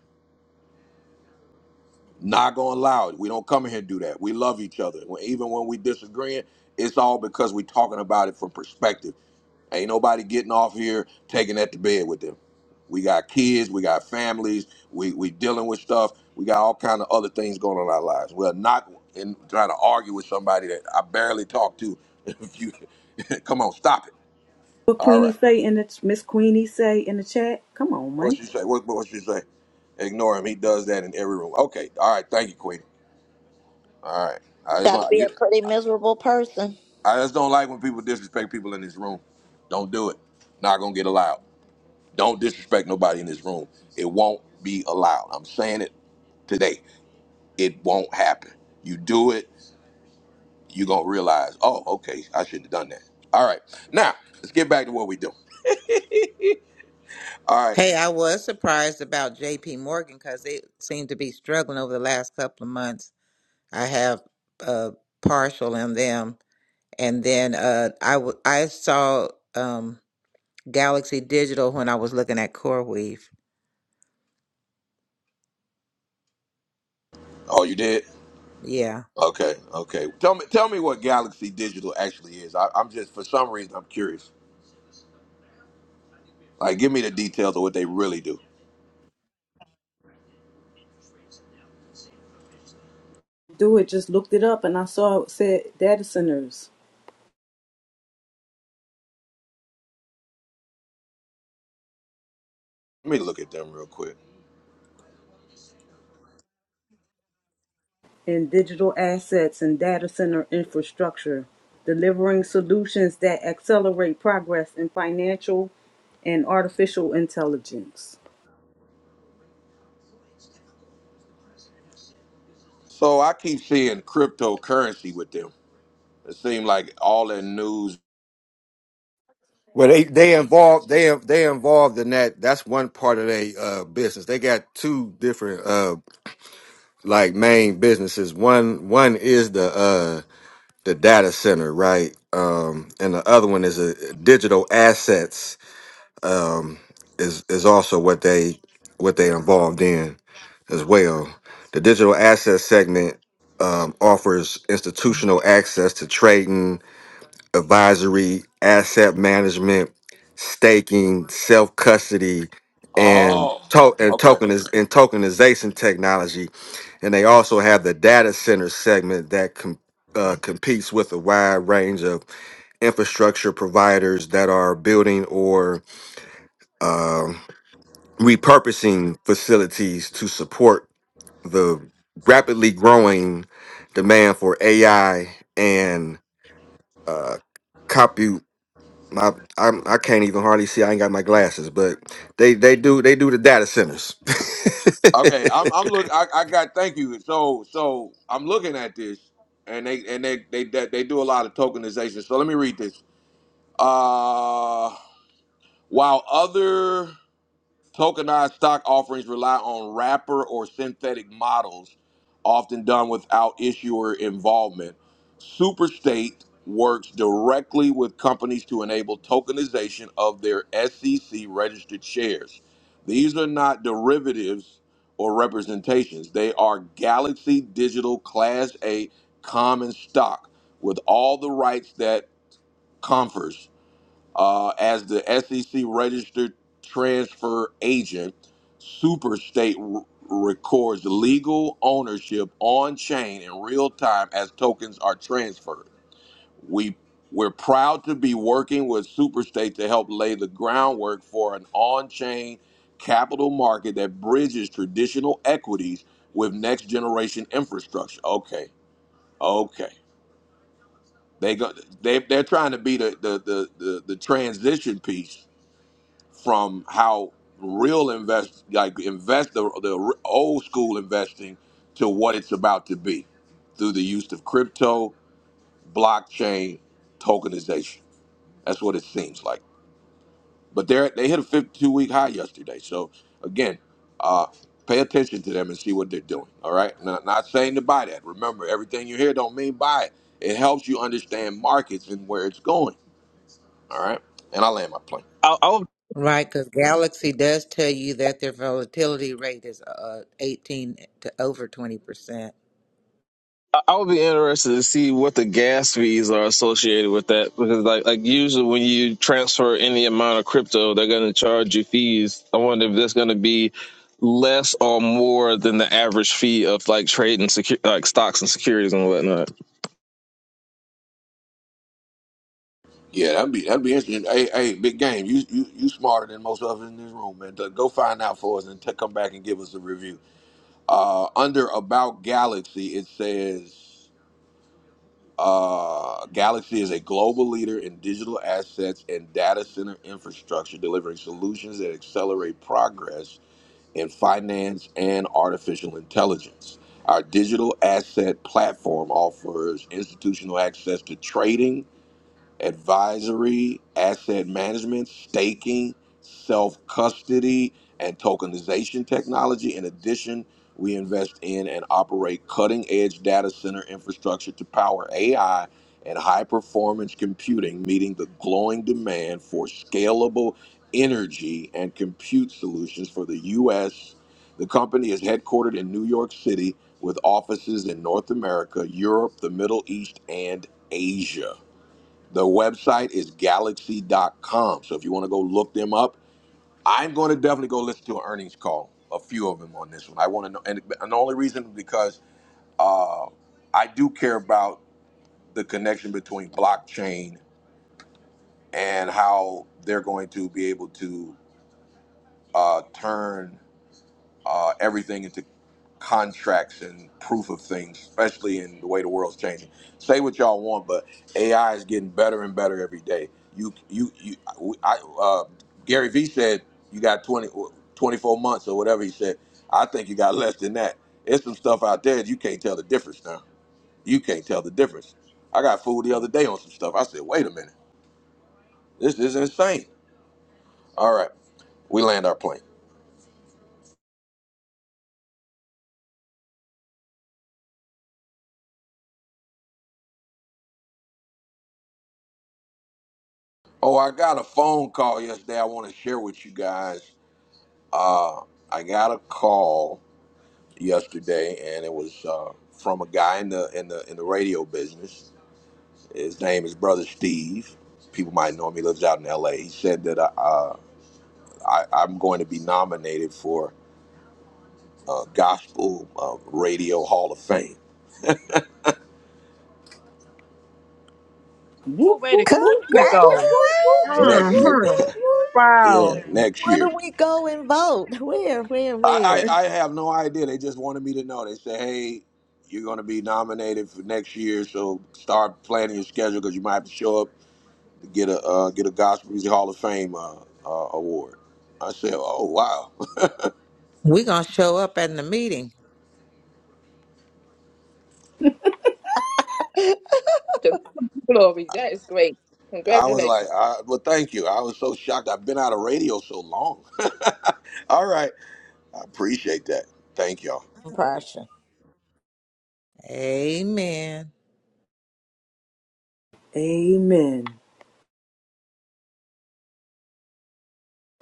A: Not gonna allow it. We don't come in here and do that. We love each other. When, even when we disagreeing, it's all because we talking about it from perspective. Ain't nobody getting off here taking that to bed with them. We got kids, we got families, we we dealing with stuff. We got all kind of other things going on in our lives. We're not in trying to argue with somebody that I barely talk to. If you come on, stop it.
B: What
A: All
B: Queenie
A: right.
B: say in the Miss Queenie say in the chat? Come on,
A: What
B: man.
A: she say? What what she say? Ignore him. He does that in every room. Okay. All right. Thank you, Queen. All right. I just
C: Gotta
A: want
C: be
A: you.
C: a pretty miserable person.
A: I just don't like when people disrespect people in this room. Don't do it. Not gonna get allowed. Don't disrespect nobody in this room. It won't be allowed. I'm saying it today. It won't happen. You do it, you're gonna realize, oh, okay, I shouldn't have done that. All right. Now, let's get back to what we do. All right.
G: hey i was surprised about jp morgan because they seem to be struggling over the last couple of months i have a partial in them and then uh i w- i saw um galaxy digital when i was looking at CoreWeave.
A: Oh, you did?
G: yeah
A: Okay, okay. Tell me tell me what Galaxy Digital actually is. I, I'm just for some reason I'm curious. Like give me the details of what they really do.
B: Do it. Just looked it up and I saw it said data centers.
A: Let me look at them real quick.
B: in digital assets and data center infrastructure, delivering solutions that accelerate progress in financial and artificial intelligence.
A: So I keep seeing cryptocurrency with them. It seemed like all that news.
E: Well, they they involved they they involved in that. That's one part of their uh, business. They got two different uh like main businesses. One one is the uh the data center, right? Um, and the other one is a digital assets. Um, is is also what they what they involved in as well. The digital asset segment um, offers institutional access to trading advisory, asset management, staking, self custody, and
A: Oh,
E: to- and
A: okay,
E: tokeniz- and tokenization technology. And they also have the data center segment that com- uh, competes with a wide range of infrastructure providers that are building or um repurposing facilities to support the rapidly growing demand for AI and uh, compute my I'm, I can't even hardly see. I ain't got my glasses, but they they do they do the data centers.
A: okay. I'm I'm look. I, I got. Thank you. So so I'm looking at this, and they and they they they, they do a lot of tokenization. So let me read this. Uh, while other Tokenized stock offerings rely on wrapper or synthetic models, often done without issuer involvement. Superstate works directly with companies to enable tokenization of their SEC registered shares. These are not derivatives or representations, they are Galaxy Digital Class A common stock with all the rights that confers uh, as the SEC registered transfer agent, Superstate r- records legal ownership on chain in real time as tokens are transferred. We we're proud to be working with Superstate to help lay the groundwork for an on-chain capital market that bridges traditional equities with next generation infrastructure. Okay. Okay. They go they they're trying to be the the the the, the transition piece from how real invest like invest the, the old school investing to what it's about to be through the use of crypto blockchain tokenization that's what it seems like but they they hit a 52 week high yesterday so again uh pay attention to them and see what they're doing all right not, not saying to buy that remember everything you hear don't mean buy it it helps you understand markets and where it's going all right and i land my plane
L: I, I would
G: Right, because Galaxy does tell you that their volatility rate is uh, 18 to over 20%.
L: I would be interested to see what the gas fees are associated with that because like like usually when you transfer any amount of crypto, they're going to charge you fees. I wonder if that's going to be less or more than the average fee of like trading secu- like stocks and securities and whatnot.
A: Yeah, that'd be that'd be interesting. Hey, hey, big game. You you you smarter than most of us in this room, man. Go find out for us and t- come back and give us a review. Uh, under about Galaxy, it says uh, Galaxy is a global leader in digital assets and data center infrastructure, delivering solutions that accelerate progress in finance and artificial intelligence. Our digital asset platform offers institutional access to trading advisory, asset management, staking, self custody, and tokenization technology. In addition, we invest in and operate cutting edge data center infrastructure to power AI and high performance computing, meeting the glowing demand for scalable energy and compute solutions for the U.S. The company is headquartered in New York City with offices in North America, Europe, the Middle East, and Asia. The website is galaxy dot com. So if you want to go look them up, I'm going to definitely go listen to an earnings call, a few of them on this one. I want to know, and, and the only reason is because uh, I do care about the connection between blockchain and how they're going to be able to uh, turn uh, everything into contracts and proof of things, especially in the way the world's changing. Say what y'all want, but AI is getting better and better every day. You, you, you. I, uh, Gary Vee said you got 20, 24 months or whatever he said. I think you got less than that. There's some stuff out there that you can't tell the difference now. You can't tell the difference. I got fooled the other day on some stuff. I said, wait a minute, this is insane. All right, we land our plane. Oh, I got a phone call yesterday. I want to share with you guys. Uh, I got a call yesterday, and it was uh, from a guy in the in the in the radio business. His name is Brother Steve. People might know him. He lives out in L.A. He said that uh, I, I'm going to be nominated for uh, Gospel uh, Radio Hall of Fame
D: Oh,
B: Whoop,
D: way to,
B: whoop, whoop, whoop,
D: way to
B: whoop,
C: Congratulations!
D: go.
B: whoop, whoop, whoop,
A: next
B: whoop,
A: year.
D: hmm
B: whoop,
D: Wow.
A: Yeah, next
C: Where do
A: year.
C: we go and vote? Where, where,
A: I, I,
C: where?
A: I have no idea. They just wanted me to know. They said, hey, you're going to be nominated for next year, so start planning your schedule because you might have to show up get a uh, get a Gospel Music Hall of Fame uh, uh, award. I said, "Oh wow!"
G: We're going to show up at the meeting.
D: The glory. That is great.
A: I was like,
D: Congratulations.
A: I, "Well, thank you." I was so shocked. I've been out of radio so long. All right, I appreciate that. Thank y'all.
C: Impression.
G: Amen.
B: Amen.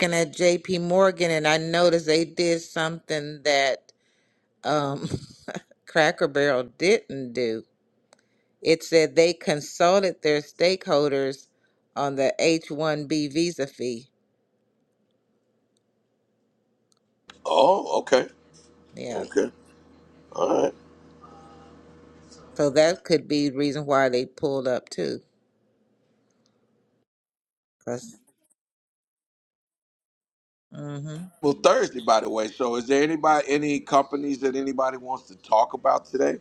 G: Looking at JP Morgan, and I noticed they did something that um, Cracker Barrel didn't do. It said they consulted their stakeholders on the H 1B visa fee.
A: Oh, okay,
G: Yeah.
A: okay, all right.
G: So that could be reason why they pulled up too. because hmm
A: Well, Thursday, by the way. So, is there anybody, any companies that anybody wants to talk about today?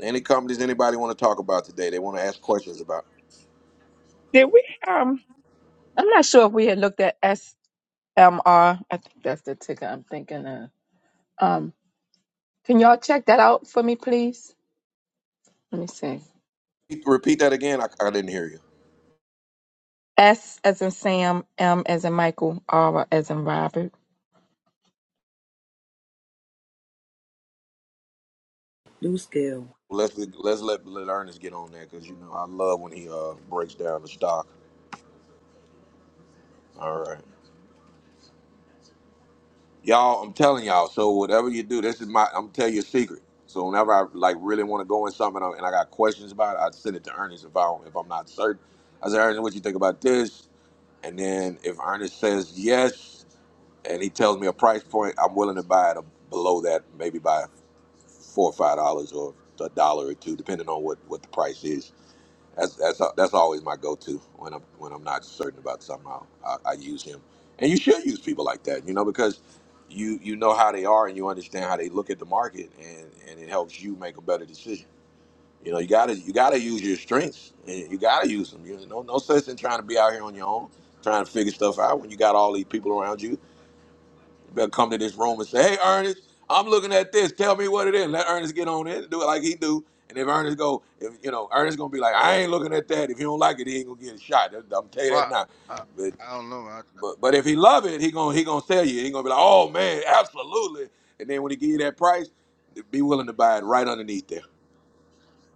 A: Any companies anybody want to talk about today? They want to ask questions about.
D: Did we um I'm not sure if we had looked at S M R. I think that's the ticker I'm thinking of. Um can y'all check that out for me please? Let me see.
A: Repeat that again. I, I didn't hear you.
D: S as in Sam, M as in Michael, R as in Robert.
B: New scale.
A: Let's let's let, let Ernest get on that because you know I love when he uh breaks down the stock. All right, y'all. I'm telling y'all. So whatever you do, this is my. I'm tell you a secret. So whenever I like really want to go in something and I, and I got questions about it, I send it to Ernest if I don't, if I'm not certain. I say Ernest, what you think about this? And then if Ernest says yes, and he tells me a price point, I'm willing to buy it below that, maybe by four or five dollars or a dollar or two, depending on what what the price is. That's that's that's always my go-to when I'm when I'm not certain about something. I'll, I, I use him, and you should use people like that, you know, because you you know how they are and you understand how they look at the market, and and it helps you make a better decision. You know, you gotta you gotta use your strengths, and you gotta use them. You know, no no sense in trying to be out here on your own, trying to figure stuff out when you got all these people around you They'll come to this room and say, "Hey, Ernest, I'm looking at this. Tell me what it is." Let Ernest get on it, and do it like he do. And if Ernest go, if you know, Ernest gonna be like, "I ain't looking at that. If he don't like it, he ain't gonna get a shot." I'm I'm tell you that
J: Well,
A: now.
J: I,
A: But
J: I don't know. I,
A: but but if he love it, he gonna he gonna tell you. He gonna be like, "Oh man, absolutely." And then when he give you that price, be willing to buy it right underneath there.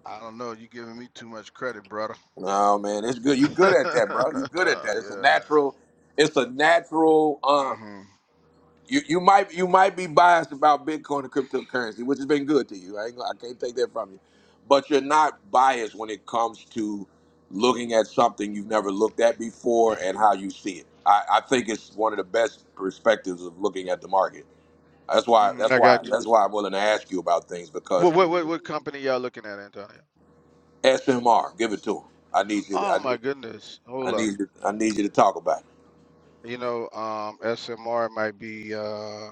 J: I don't know. you giving me too much credit, brother.
A: Oh man, it's good. You good at that, bro. You good at that. It's a
J: yeah.
A: natural. It's a natural. uh,
J: hmm
A: you you might you might be biased about Bitcoin and cryptocurrency, which has been good to you. I ain't, gonna- I can't take that from you, but you're not biased when it comes to looking at something you've never looked at before and how you see it. I, I think it's one of the best perspectives of looking at the market. That's why
J: hmm
A: that's
J: I
A: why
J: got you.
A: that's why I'm willing to ask you about things because
J: What, what what what company y'all looking at, Antonio?
A: SMR, give it to him. I need you. To,
J: Oh
A: I
J: my
A: need
J: goodness.
A: I
J: Hold up.
A: need you, I need you to talk about it.
J: You know, um, SMR might be. Uh,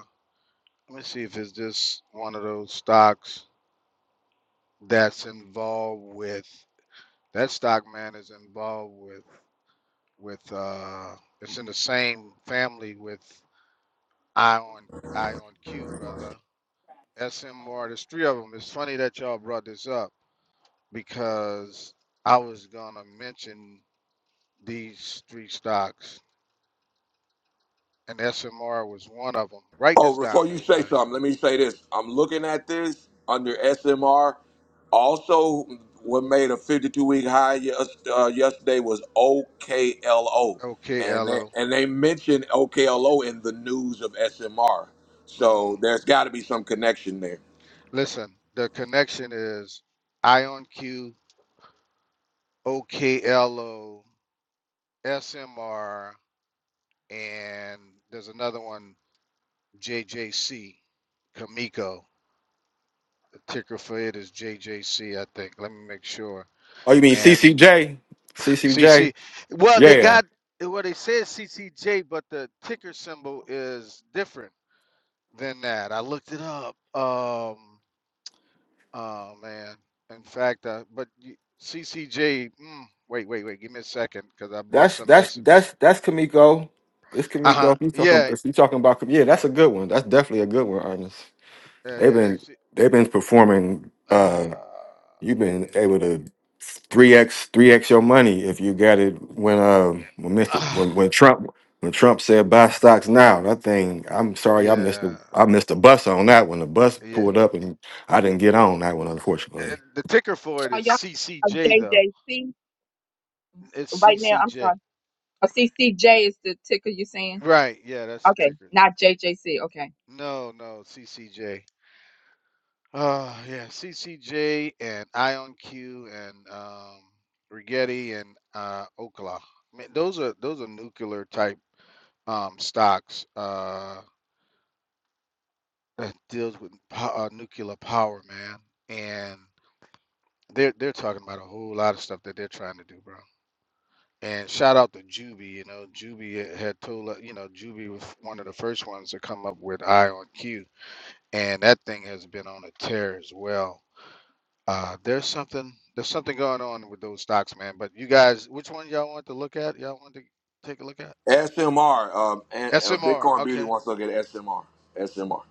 J: let me see if it's just one of those stocks that's involved with that stock. Man is involved with with. Uh, it's in the same family with Ion Ion Q, brother. SMR. There's three of them. It's funny that y'all brought this up. because I was gonna mention these three stocks, and SMR was one of them. Write
A: Oh,
J: this down,
A: before you say
J: everybody.
A: something, let me say this. I'm looking at this under SMR. Also, what made a 52 week high yes, uh, yesterday was OKLO,
J: Okay,
A: and they,
J: LO.
A: and they mentioned OKLO in the news of SMR.
J: hmm
A: So there's got to be some connection there.
J: Listen, the connection is IonQ, OKLO, SMR, and there's another one, JJC, Kamiko. The ticker for it is JJC, I think. Let me make sure.
E: Oh, you mean
J: And.
E: CCJ? CCJ?
J: CC. Well, they
E: Yeah,
J: got well, they said CCJ, but the ticker symbol is different than that. I looked it up. Um, oh man. In fact, uh, but you, CCJ. Mm, wait, wait, wait. Give me a second, cause I bought
E: that's
J: some
E: that's
J: yesterday.
E: that's that's Kamiko. It's
J: Uh
E: Kamiko.
J: huh.
E: If you talking
J: Yeah.
E: if you talking about Kam- yeah, that's a good one. That's definitely a good one, Ernest.
J: Yeah.
E: They've
J: Yeah.
E: been
J: C-
E: they've been performing.
J: uh,
E: Uh, You've been
J: yeah.
E: able to three x three x your money if you got it when
J: Yeah.
E: um when Mr.
J: Uh,
E: when when Trump when Trump said buy stocks now. That thing, I'm sorry, I missed
J: yeah.
E: the I missed the bus on that one. The bus
J: Yeah.
E: pulled up and I didn't get on that one,
J: Uh,
E: unfortunately.
J: The ticker for it
D: Are
J: is
D: y'all a
J: CCJ though.
D: JJC
J: It's
D: right now? I'm
J: CCJ.
D: sorry. A CCJ is the ticker you're saying?
J: Right. Yeah. That's the
D: Okay.
J: ticker.
D: Not JJC. Okay.
J: No, no, CCJ. Uh, yeah, CCJ and IonQ and um, Rigetti and uh, Okla. Man, those are those are nuclear type um, stocks uh, that deals with po- uh, nuclear power, man. And they're they're talking about a whole lot of stuff that they're trying to do, bro. And shout out to Juby, you know, Juby had had told, us- you know, Juby was one of the first ones to come up with IonQ, and that thing has been on a tear as well Uh, there's something there's something going on with those stocks, man. But you guys, which one y'all want to look at? Y'all want to take a look at
A: SMR, um, and, uh,
J: SMR?
A: Bitcoin Beauty
J: Okay.
A: wants to look at SMR. SMR.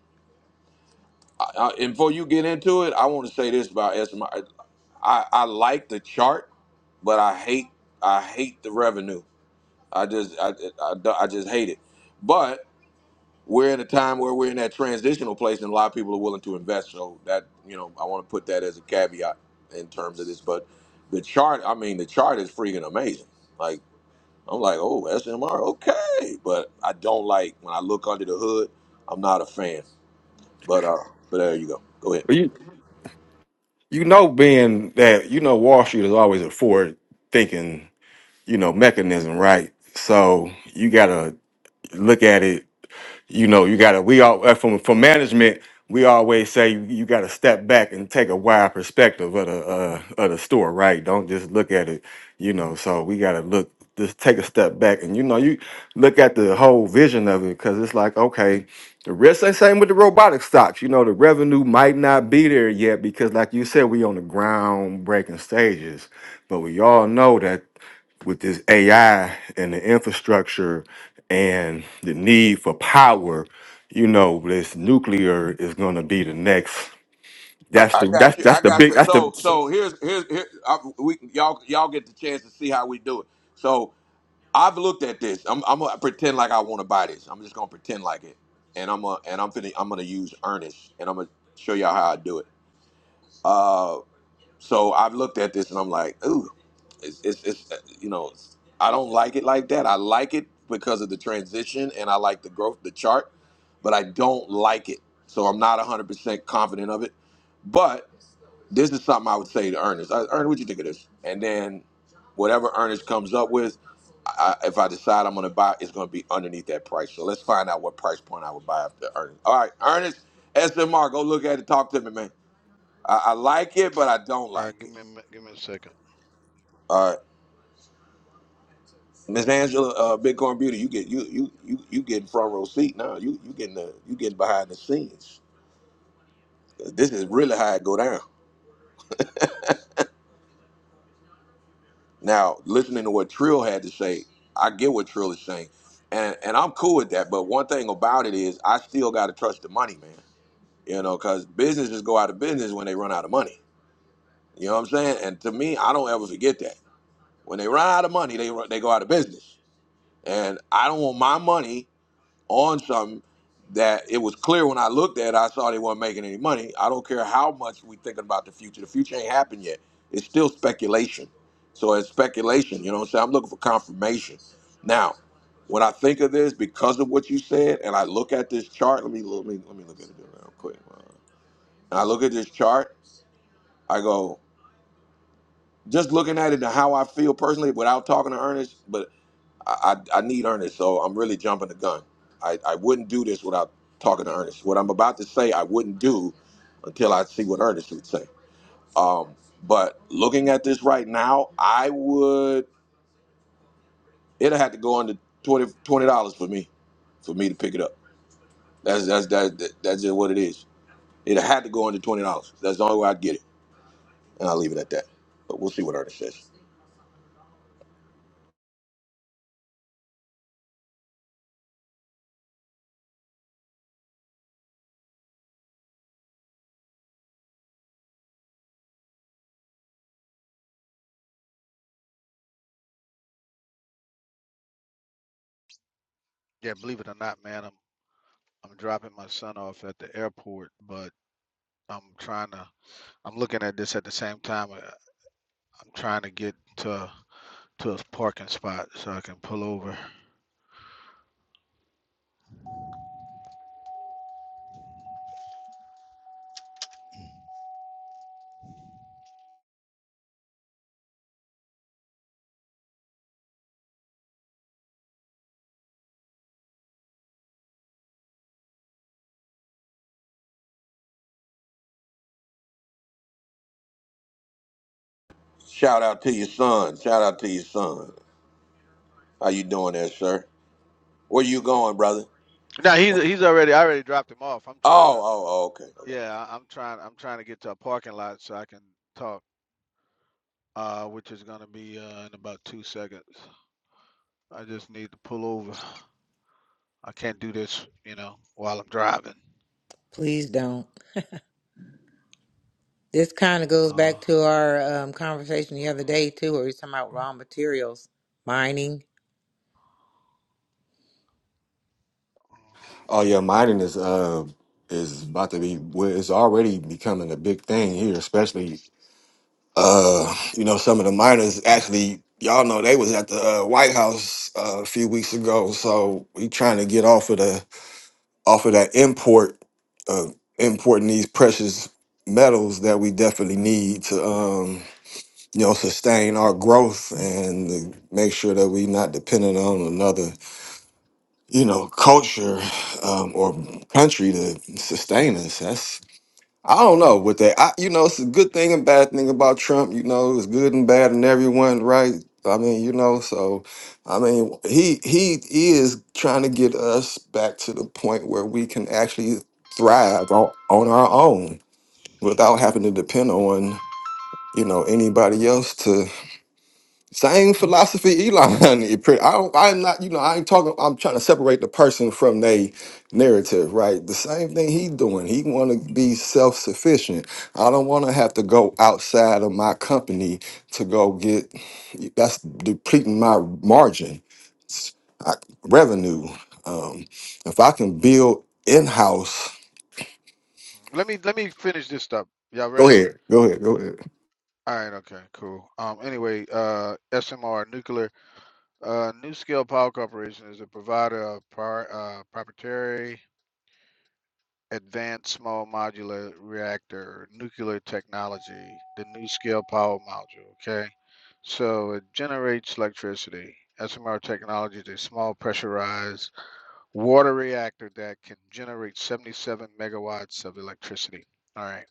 A: Uh, and before you get into it, I want to say this about SMI. I, I I like the chart, but I hate I hate the revenue. I just I, I, I just hate it. But we're in a time where we're in that transitional place, and a lot of people are willing to invest. So that you know, I want to put that as a caveat in terms of this. But the chart, I mean, the chart is freaking amazing. Like I'm like, oh SMR, okay. But I don't like when I look under the hood. I'm not a fan. But uh, but there you go. Go ahead.
E: But you you know, being that you know Wall Street is always a forward thinking you know mechanism, right? So you gotta look at it you know, you gotta we all uh, from from management, we always say you, you gotta step back and take a wide perspective of the uh of the store, right? Don't just look at it, you know. So we gotta look just take a step back and you know, you look at the whole vision of it because it's like, okay, the risk ain't same with the robotic stocks. You know, the revenue might not be there yet because like you said, we on the groundbreaking stages. But we all know that with this AI and the infrastructure and the need for power, you know, this nuclear is gonna be the next.
A: I
E: That's
A: I
E: the
A: got
E: that's
A: you.
E: that's
A: I
E: the
A: got
E: big
A: you.
E: that's
A: So,
E: the.
A: so here's here's here. I, we y'all y'all get the chance to see how we do it. So I've looked at this. I'm I'm gonna pretend like I want to buy this. I'm just gonna pretend like it, and I'm gonna and I'm finna I'm gonna use earnest, and I'm gonna show y'all how I do it. Uh, so I've looked at this, and I'm like, ooh, it's it's, it's uh, you know, it's, I don't like it like that. I like it because of the transition, and I like the growth, the chart, but I don't like it. So I'm not 100% confident of it, but this is something I would say to Ernest. I, Ernest, what you think of this? And then whatever Ernest comes up with, I, if I decide I'm going to buy, it's going to be underneath that price. So let's find out what price point I would buy after Ernest. All right, Ernest, SMR, go look at it. Talk to me, man. I, I like it,
J: All
A: but
J: right,
A: I don't
J: All right,
A: like
J: give
A: it.
J: me a, mi- give me a second.
A: All right, Miss Angela, uh, Bitcoin Beauty, you get you you you you getting front row seat now. You you getting the you getting behind the scenes. This is really how it go down. Now, listening to what Trill had to say, I get what Trill is saying, and and I'm cool with that. But one thing about it is, I still got to trust the money, man. You know, because businesses go out of business when they run out of money. You know what I'm saying? And to me, I don't ever forget that. When they run out of money, they run- they go out of business, and I don't want my money on something that it was clear when I looked at. it, I saw they weren't making any money. I don't care how much we thinking about the future. The future ain't happened yet. It's still speculation. So it's speculation. You know what I'm saying? I'm looking for confirmation. Now, when I think of this, because of what you said, and I look at this chart, let me let me let me look at it real quick. Uh, And I look at this chart. I go just looking at it and how I feel personally, without talking to Ernest. but. I, I, I need Ernest, so I'm really jumping the gun. I, I wouldn't do this without talking to Ernest. What I'm about to say, I wouldn't do until I see what Ernest would say. Um, but looking at this right now, I would. It'll have to go under twenty twenty dollars for me for me to pick it up. That's that's that, that that's just what it is. It had to go under twenty dollars. That's the only way I'd get it, and I'll leave it at that. But we'll see what Ernest says.
J: Yeah, believe it or not, man, I'm I'm dropping my son off at the airport, but I'm trying to I'm looking at this at the same time. uh, I'm trying to get to to a parking spot so I can pull over.
A: Shout out to your son. Shout out to your son. How you doing there, sir? Where you going, brother?
J: Now he's he's already I already dropped him off. I'm
A: Oh,
J: trying to
A: oh, oh, okay, okay.
J: yeah I- I'm trying I'm trying to get to a parking lot so I can talk. uh, which is gonna be uh, in about two seconds. I just need to pull over. I can't do this, you know, while I'm driving.
G: Please don't. This kind of goes
J: Uh,
G: back to our um, conversation the other day too, where we were talking about raw materials mining.
E: Oh yeah, mining is uh is about to be. well, It's already becoming a big thing here, especially uh you know some of the miners actually. Y'all know they was at the uh, White House uh, a few weeks ago, so we trying to get off of the off of that import uh, importing these precious metals that we definitely need to um you know sustain our growth and to make sure that we're not dependent on another you know culture um, or country to sustain us That's I don't know with that. I, you know, it's a good thing and bad thing about Trump. You know, it's good and bad in everyone, right? I mean, you know, so I mean, he he is trying to get us back to the point where we can actually thrive on, on our own without having to depend on you know anybody else same philosophy, Elon. It pre- I don't, I'm not, you know, I ain't talking. I'm trying to separate the person from they narrative, right? The same thing he doing. He want to be self sufficient. I don't want to have to go outside of my company to go get. That's depleting my margin, s- I, revenue. Um, if I can build in house,
J: let me let me finish this up. Y'all
E: go
J: ready?
E: ahead, go ahead, go ahead.
J: All right. Okay. Cool. Um. Anyway, uh, SMR Nuclear, uh, New Scale Power Corporation is a provider of prior, uh, proprietary Advanced Small Modular Reactor Nuclear Technology, the NuScale Power Module. Okay, so it generates electricity. SMR technology is a small pressurized water reactor that can generate 77 megawatts of electricity. All right,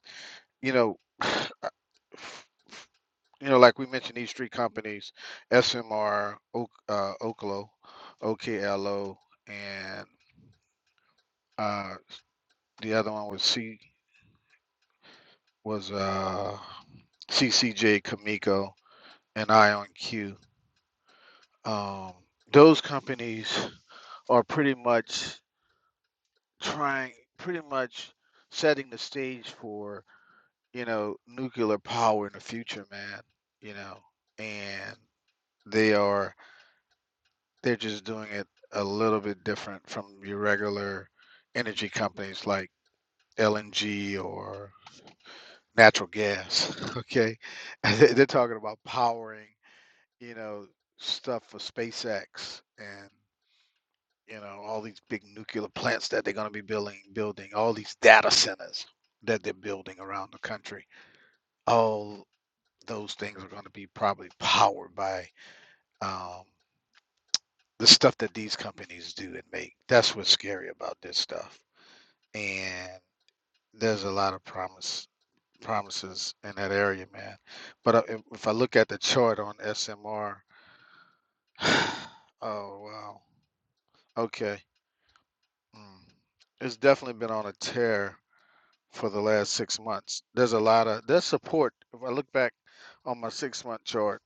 J: you know, uh, you know, like we mentioned, these three companies, SMR, uh, Oklo, OKLO, and uh, the other one was C. was uh, CCJ, Kamiko, and IonQ. Um, those companies are pretty much trying, pretty much setting the stage for, you know, nuclear power in the future, man, you know, and they are, they're just doing it a little bit different from your regular energy companies like LNG or natural gas, okay? They're talking about powering you know, stuff for SpaceX and you know all these big nuclear plants that they're going to be building, building all these data centers that they're building around the country. All those things are going to be probably powered by um, the stuff that these companies do and make. That's what's scary about this stuff. And there's a lot of promise promises in that area, man. But uh, if, if I look at the chart on SMR, oh wow, okay Mm. It's definitely been on a tear for the last six months. There's a lot of there's support. If I look back on my six month chart,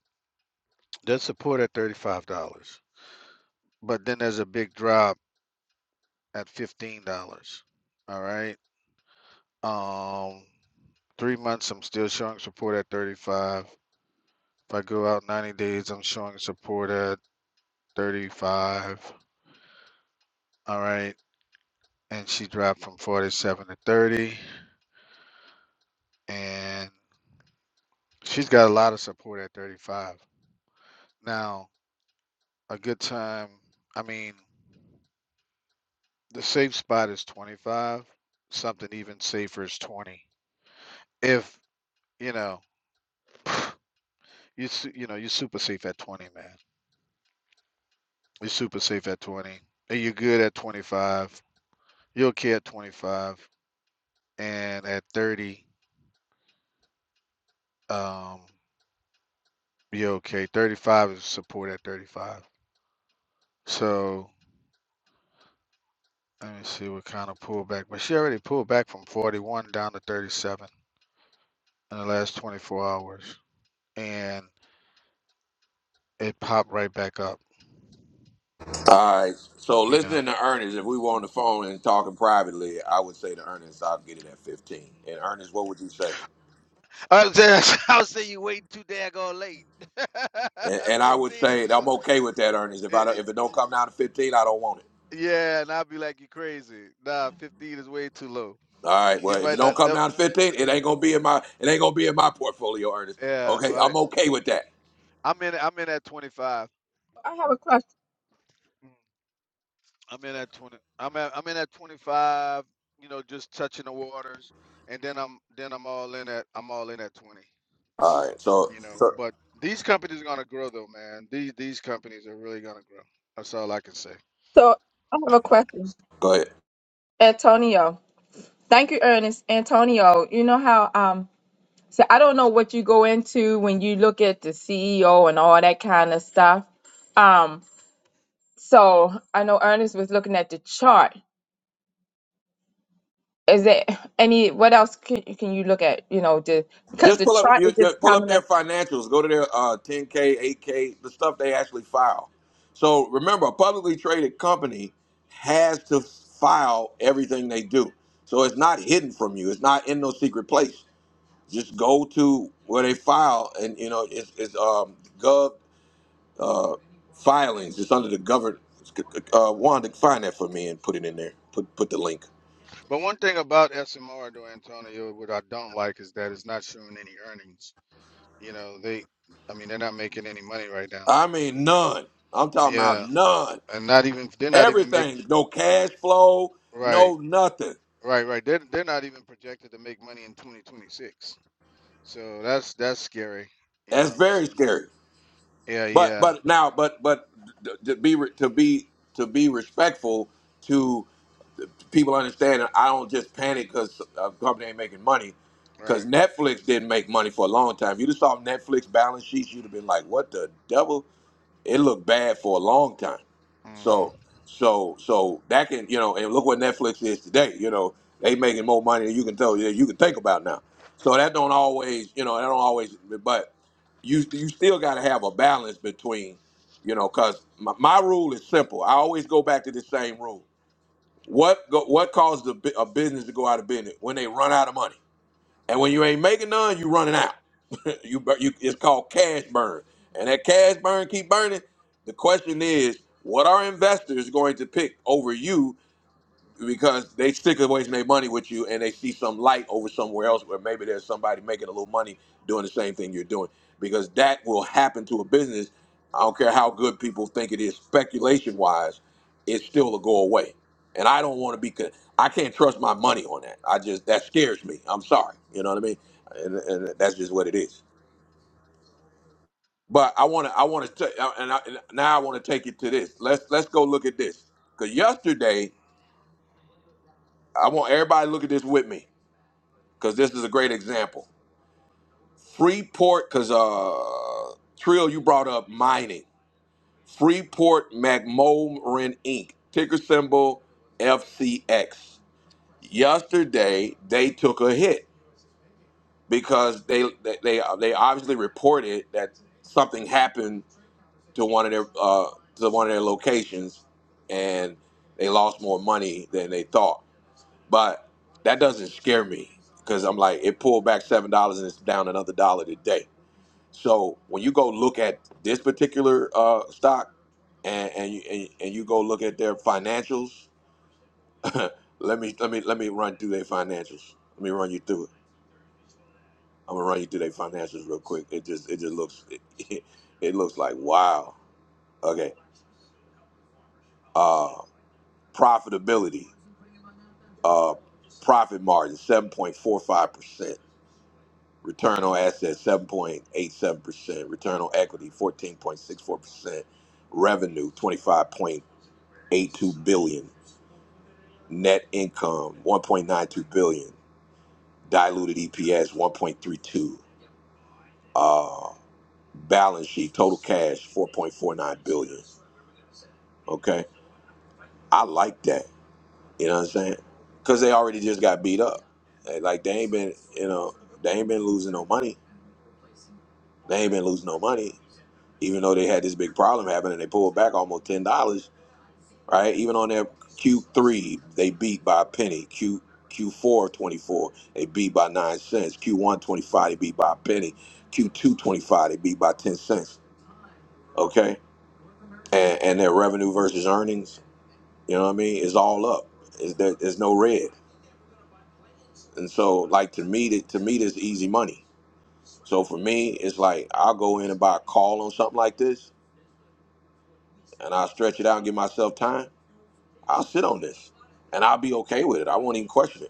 J: there's support at thirty five dollars, but then there's a big drop at fifteen dollars. All right. Um, three months I'm still showing support at thirty five. If I go out ninety days, I'm showing support at thirty five. All right, and she dropped from forty seven to thirty, and she's got a lot of support at thirty five. Now, a good time, I mean, the safe spot is 25. Something even safer is 20. If, you know, you su- you know, you're super safe at 20, man. You're super safe at 20. And you're good at 25. You're okay at 25. And at 30, um, you're okay. 35 is support at 35. So let me see what kind of pullback. But she already pulled back from 41 down to 37 in the last 24 hours. And It popped right back up,
A: All right. So
J: you know.
A: listening to Ernest, if we were on the phone and talking privately, I would say to Ernest, I'll get it at fifteen. And Ernest, what would you say?
J: I was just- I was saying you wait too daggone late. 15
A: And, and I would
J: is
A: say
J: too
A: I'm
J: late.
A: okay with that, Ernest. If
J: Eh,
A: I
J: eh,
A: don't, if it don't come down to fifteen, I don't want it.
J: yeah, and I'll be like, you crazy. Nah, 15 is way too low.
A: All right.
J: You
A: Well, if it
J: might
A: don't
J: not
A: come
J: know.
A: down to fifteen, it ain't gonna be in my it ain't gonna be in my portfolio, Ernest.
J: Yeah,
A: Okay,
J: right.
A: I'm okay with that.
J: I'm in. I'm in at 25.
D: I have a question.
J: Mm. I'm in at 20. I'm at. I'm in at 25. You know, just touching the waters, and then I'm then I'm all in at. I'm all in at 20.
A: All right. So,
J: You know,
A: so
J: but these companies are gonna grow though, man. These these companies are really gonna grow. That's all I can say.
D: So I have a question.
A: go ahead.
D: Antonio. Thank you, Ernest. Antonio, you know how um so I don't know what you go into when you look at the CEO and all that kind of stuff. Um so I know Ernest was looking at the chart. Is there any what else can, can you look at, you know, the because
A: Just
D: the
A: pull up,
D: chart
A: you,
D: is
A: you
D: just
A: pull up
D: telling
A: their
D: us Thank
A: financials. Go to their uh, 10K, 8K, the stuff they actually file. So remember, a publicly traded company has to file everything they do. So it's not hidden from you. It's not in no secret place. Just go to where they file, and you know it's, it's um, gov filings. It's under the government. Uh, Wanda, find that for me and put it in there. Put put the link.
J: But one thing about SMR, though, Antonio, what I don't like is that it's not showing any earnings. You know, they, I mean, they're not making any money right now.
A: I mean none. I'm talking about
J: Yeah,
A: none.
J: and not even they're not even make
A: Everything. No cash flow.
J: right,
A: No nothing.
J: right, right. They're they're not even projected to make money in 2026. So that's that's scary. You
A: That's
J: know. So
A: very scary.
J: yeah,
A: But
J: yeah,
A: but now but but to be re- to be to be respectful to, to people understanding, I don't just panic because a company ain't making money. Because
J: right.
A: Netflix didn't make money for a long time. If you'd have saw Netflix balance sheets, you'd have been like, "What the devil?" It looked bad for a long time.
J: hmm
A: So, so, so that can you know, and look what Netflix is today. You know, they making more money than you can tell. You can think about now. So that don't always, you know, that don't always. But you you still got to have a balance between, you know, because my, my rule is simple. I always go back to the same rule. What go, what caused a, bu- a business to go out of business when they run out of money? And when you ain't making none, you running out. you, bur- you it's called cash burn. And that cash burn keep burning. The question is, what are investors going to pick over you because they stick away from their money with you and they see some light over somewhere else where maybe there's somebody making a little money doing the same thing you're doing because that will happen to a business i don't care how good people think it is speculation wise it's still a go away and i don't want to be con- i can't trust my money on that i just that scares me i'm sorry you know what i mean and, and that's just what it is but i want to i want to and, I, and now i want to take it to this let's let's go look at this because yesterday i want everybody to look at this with me because this is a great example. Freeport, because uh, Trill, you brought up mining. Freeport McMoran Inc. Ticker symbol FCX. Yesterday they took a hit because they they they, uh, they obviously reported that something happened to one of their uh, to one of their locations, and they lost more money than they thought. But that doesn't scare me because I'm like it pulled back seven dollars and it's down another dollar today So when you go look at this particular uh, stock, and and you, and, and you go look at their financials, let me let me let me run through their financials. Let me run you through it. I'm gonna run you through their financials real quick. It just it just looks it, looks like wow. Okay, uh, profitability, uh, profit margin seven point four five percent. Return on assets 7.87%, return on equity 14.64%, revenue twenty five point 8.2 billion net income 1.92 billion diluted eps 1.32 uh balance sheet total cash 4.49 billion okay i like that you know what i'm saying because they already just got beat up They- like they ain't been you know they ain't been losing no money they ain't been losing no money even though they had this big problem happening they pulled back almost $10 right? Even on their Q3, they beat by a penny. Q Q4 24, they beat by nine cents. Q1 25, they beat by a penny. Q2 25, they beat by ten cents. Okay, and and their revenue versus earnings, you know what I mean, is all up. Is there, there's no red, and so like to me, that to me, that's easy money. So for me, it's like I'll go in and buy a call on something like this, and I'll stretch it out and give myself time. I'll sit on this, and I'll be okay with it. I won't even question it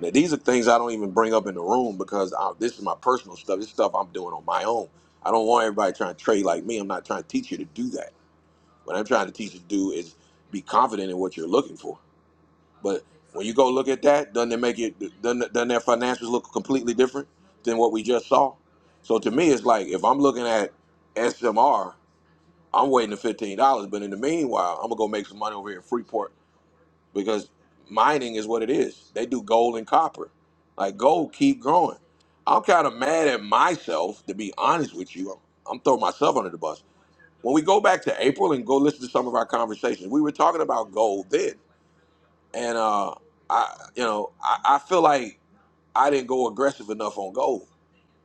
A: Now, these are things I don't even bring up in the room because I, this is my personal stuff. This stuff I'm doing on my own. I don't want everybody trying to trade like me. I'm not trying to teach you to do that. What I'm trying to teach you to do is be confident in what you're looking for. But when you go look at that, doesn't it make it doesn't, doesn't their financials look completely different than what we just saw? So to me, it's like if I'm looking at SMR, I'm waiting the fifteen dollars. But in the meanwhile, I'm gonna go make some money over here in Freeport because mining is what it is. They do gold and copper. Like gold keep growing. I'm kind of mad at myself to be honest with you. I'm, I'm throwing myself under the bus. When we go back to April and go listen to some of our conversations, we were talking about gold then, and uh, I, you know, I, I feel like I didn't go aggressive enough on gold.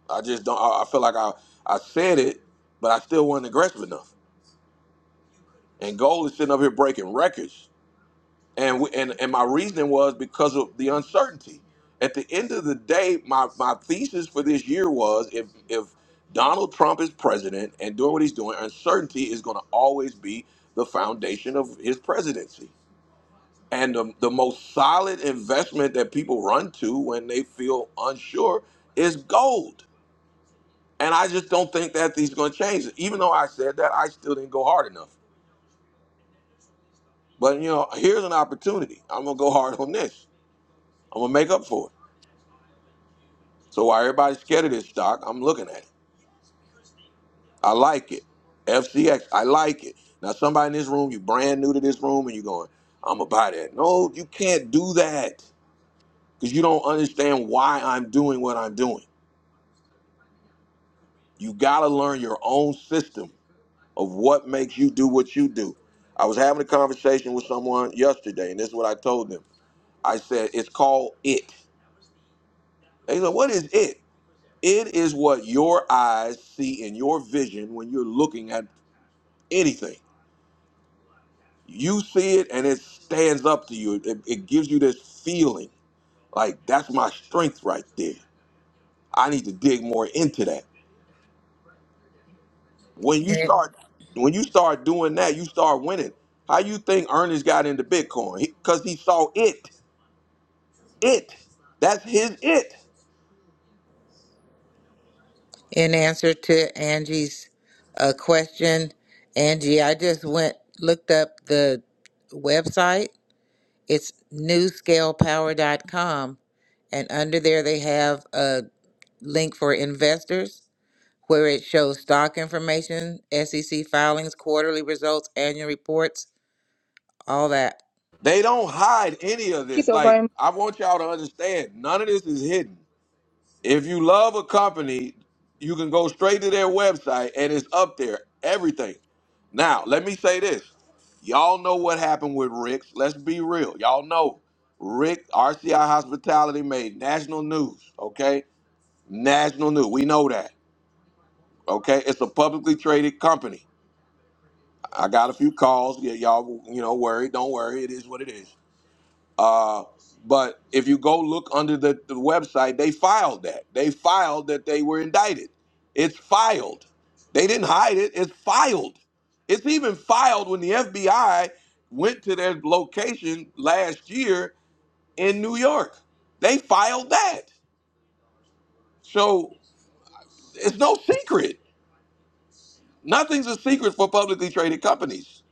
A: I just don't. I, I feel like I I said it, but I still wasn't aggressive enough. And gold is sitting up here breaking records. and we, and and my reasoning was because of the uncertainty. At the end of the day, my my thesis for this year was if if Donald Trump is president and doing what he's doing, uncertainty is going to always be the foundation of his presidency. And the, the most solid investment that people run to when they feel unsure is gold. And I just don't think that these going to change. Even though I said that, I still didn't go hard enough. But you know, here's an opportunity. I'm gonna go hard on this. I'm gonna make up for it. So why everybody's scared of this stock? I'm looking at it. I like it. F C X. I like it. Now somebody in this room, you brand new to this room, and you're going, I'm gonna buy that. No, you can't do that because you don't understand why I'm doing what I'm doing. You gotta learn your own system of what makes you do what you do. I was having a conversation with someone yesterday, and this is what I told them. I said, it's called it. They said, what is it? It is what your eyes see in your vision when you're looking at anything. you see it and it stands up to you. It, it gives you this feeling like that's my strength right there. I need to dig more into that. When you
G: And
A: start, when you start doing that, you start winning. How you think Ernest got into Bitcoin? Because he saw it. It. That's his it.
G: in answer to Angie's uh, question, Angie, I just went looked up the website. It's newscalepower.com, and under there they have a link for investors where it shows stock information, SEC filings, quarterly results, annual reports, all that.
A: They don't hide any of
D: you
A: this.
D: so very
A: Like I want y'all to understand, none of this is hidden. If you love a company, you can go straight to their website and it's up there, everything. Now, let me say this. Y'all know what happened with Rick's. Let's be real. Y'all know Rick, RCI Hospitality made national news, okay? National news. We know that, okay? It's a publicly traded company. I got a few calls. Yeah, y'all, you know, worried. Don't worry. It is what it is. Uh, but if you go look under the, the website, they filed that. They filed that they were indicted. It's filed. They didn't hide it. It's filed. It's even filed when the FBI went to their location last year in New York. They filed that. So it's no secret. Nothing's a secret for publicly traded companies.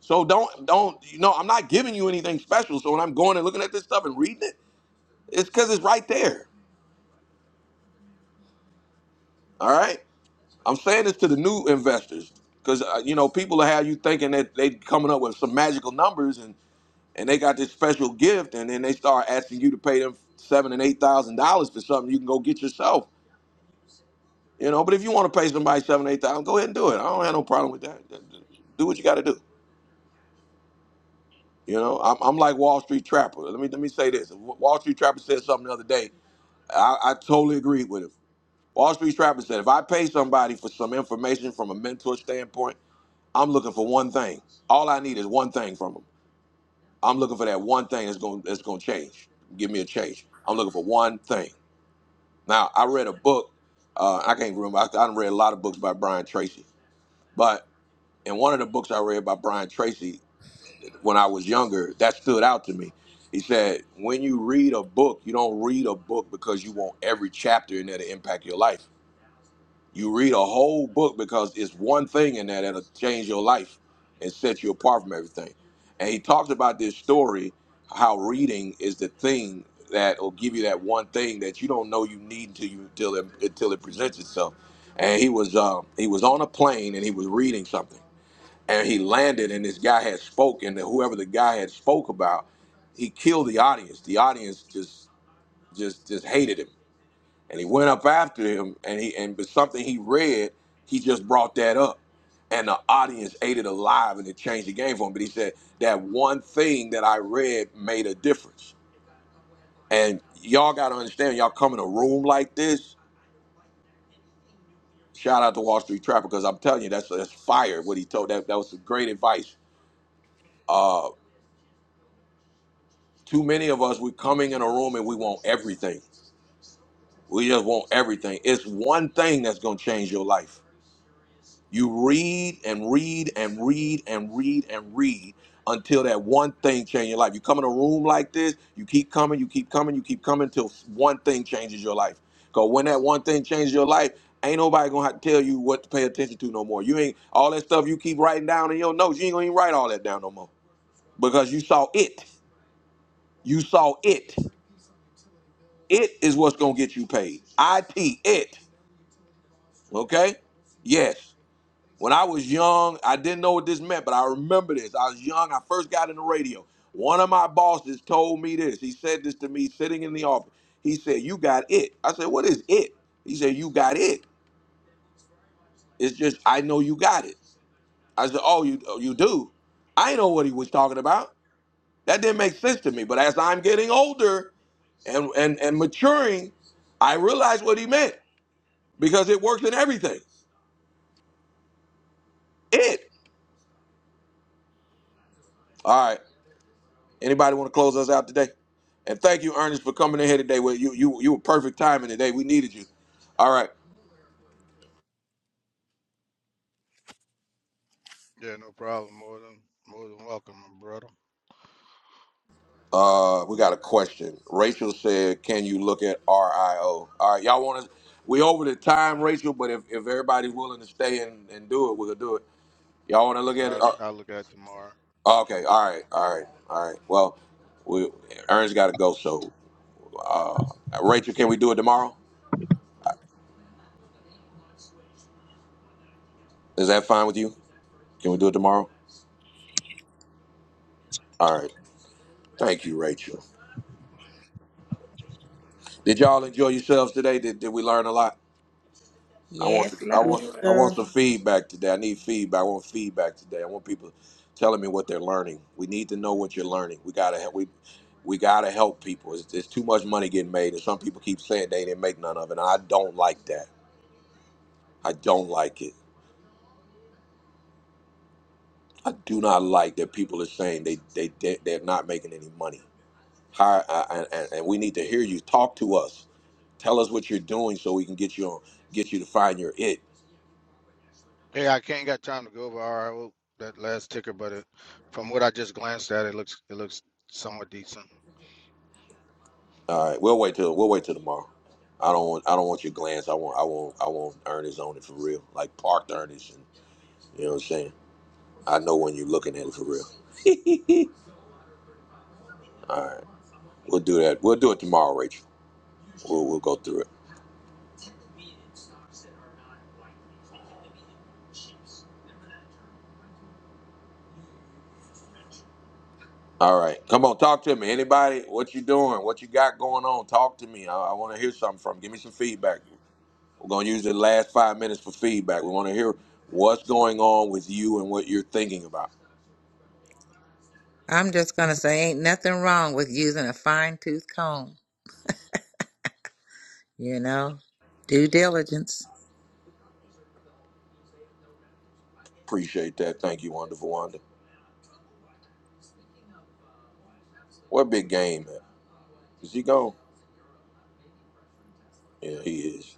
A: So don't don't you know I'm not giving you anything special. So when I'm going and looking at this stuff and reading it, it's because it's right there. All right. I'm saying this to the new investors because uh, you know people are have you thinking that they coming up with some magical numbers and and they got this special gift and then they start asking you to pay them seven and eight thousand dollars for something you can go get yourself. You know, but if you want to pay somebody seven eight thousand, go ahead and do it. I don't have no problem with that. Do what you got to do. You know, I'm, I'm like Wall Street Trapper. Let me let me say this. Wall Street Trapper said something the other day. I, I totally agreed with him. Wall Street Trapper said, if I pay somebody for some information from a mentor standpoint I'm looking for one thing. All I need is one thing from them. I'm looking for that one thing that's going that's going to change. Give me a change. I'm looking for one thing. Now I read a book. Uh, I can't remember. I, I read a lot of books by Brian Tracy, but in one of the books I read by Brian Tracy when I was younger, that stood out to me. He said, "When you read a book, you don't read a book because you want every chapter in there to impact your life." You read a whole book because it's one thing in there that'll change your life and set you apart from everything. And he talks about this story, how reading is the thing that will give you that one thing that you don't know you need until you until it, until it presents itself. And he was um, he was on a plane and he was reading something, and he landed and this guy had spoke and whoever the guy had spoke about, he killed the audience. The audience just just just hated him and he went up after him and he and but something he read he just brought that up and the audience ate it alive and it changed the game for him but he said that one thing that i read made a difference and y'all got to understand y'all come in a room like this shout out to wall street trapper because i'm telling you that's that's fire what he told that that was some great advice uh too many of us we're coming in a room and we want everything we just want everything it's one thing that's going to change your life You read and read and read and read and read until that one thing changes your life. You come in a room like this, you keep coming, you keep coming, you keep coming until one thing changes your life. Because when that one thing changes your life, ain't nobody gonna have to tell you what to pay attention to no more. You ain't all that stuff you keep writing down in your notes, you ain't gonna even write all that down no more. Because you saw it. You saw it. It is what's gonna get you paid. IT it. Okay? Yes. When I was young, I didn't know what this meant, but I remember this. I was young, I first got in the radio. One of my bosses told me this. He said this to me sitting in the office. He said, You got it. I said, What is it? He said, You got it. It's just, I know you got it. I said, Oh, you, oh, you do? I know what he was talking about. That didn't make sense to me. But as I'm getting older and, and, and maturing, I realize what he meant because it works in everything. It. All right. Anybody want to close us out today? And thank you, Ernest, for coming in here today. Well, you you you were perfect timing today. We needed you. All right.
J: Yeah, no problem. More than more than welcome, my brother.
A: Uh, we got a question. Rachel said, "Can you look at RIO?" All right, y'all want to? We over the time, Rachel. But if, if everybody's willing to stay and, and do it, we'll do it. Y'all want to look
J: So
A: at it?
J: I, I'll
A: Uh,
J: look at it tomorrow.
A: okay. All right. All right. All right. Well, we Ernest got to go. So, uh, Rachel, can we do it tomorrow? Is that fine with you? Can we do it tomorrow? All right. Thank you, Rachel. Did y'all enjoy yourselves today? Did, did we learn a lot? I want
G: Yes,
A: I
B: Yes,
A: want
G: Lord.
A: I
B: sir.
A: want some feedback today. I need feedback. I want feedback today. I want people telling me what they're learning. We need to know what you're learning. We gotta help we we gotta help people. It's, it's too much money getting made, and some people keep saying they didn't make none of it. And I don't like that. I don't like it. I do not like that people are saying they they, they they're not making any money. Hi, I, I, and, and we need to hear you. Talk to us. Tell us what you're doing so we can get you on, get you to find your it
J: Yeah, I can't got time to go over RIO that last ticker, but it, from what I just glanced at, it looks it looks somewhat decent.
A: All right, we'll wait till we'll wait till tomorrow. I don't want I don't want your glance. I want I want I want earnest on it for real, like parked earnest. And, you know what I'm saying? I know when you're looking at it for real. All right, we'll do that. We'll do it tomorrow, Rachel. We'll we'll go through it. All right, come on, talk to me. Anybody, what you doing? What you got going on? Talk to me. I, I want to hear something from. Give me some feedback. We're gonna use the last five minutes for feedback. We want to hear what's going on with you and what you're thinking about.
G: I'm just gonna say ain't nothing wrong with using a fine tooth comb, you know? Due diligence.
A: Appreciate that. Thank you, wonderful Wanda. What big game? Is he gone? Yeah, he is.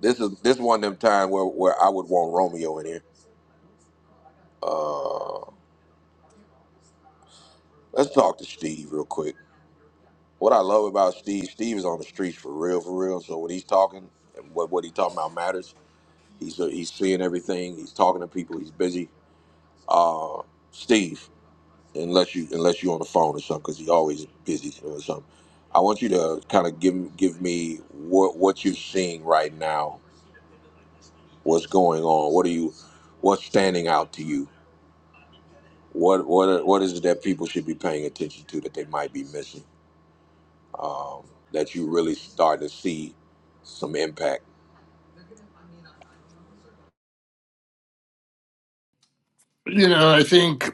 A: This is this one of them time where, where I would want Romeo in here. Uh, let's talk to Steve real quick. What I love about Steve, Steve is on the streets for real, for real. So when he's talking, and what what he talking about matters. He's uh, he's seeing everything. He's talking to people. He's busy. Uh, Steve, unless you unless you on the phone or something, because he always busy or something. I want you to kind of give give me what what you're seeing right now. What's going on? What are you? What's standing out to you? what what what is it that people should be paying attention to that they might be missing? Um, that you really start to see some impact.
K: you know i think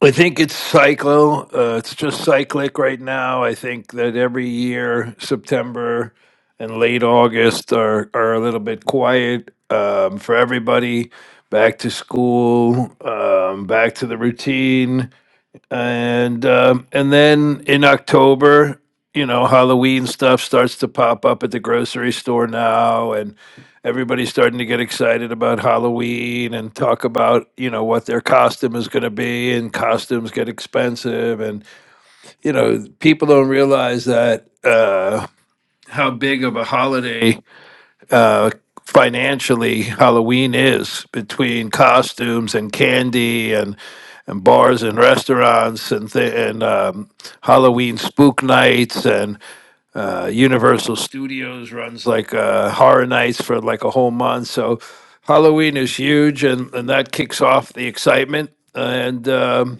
K: I think it's cyclo. Uh, it's just cyclic right now. I think that every year, September and late August are, are a little bit quiet um, for everybody. Back to school, um, back to the routine and um, and then in October, you know, Halloween stuff starts to pop up at the grocery store now, and everybody's starting to get excited about Halloween and talk about you know what their costume is going to be, and costumes get expensive, and you know people don't realize that uh, how big of a holiday uh, financially Halloween is between costumes and candy and and bars and restaurants and th- and um, Halloween spook nights and uh, Universal Studios runs like uh, horror nights for like a whole month. So Halloween is huge and and that kicks off the excitement and um,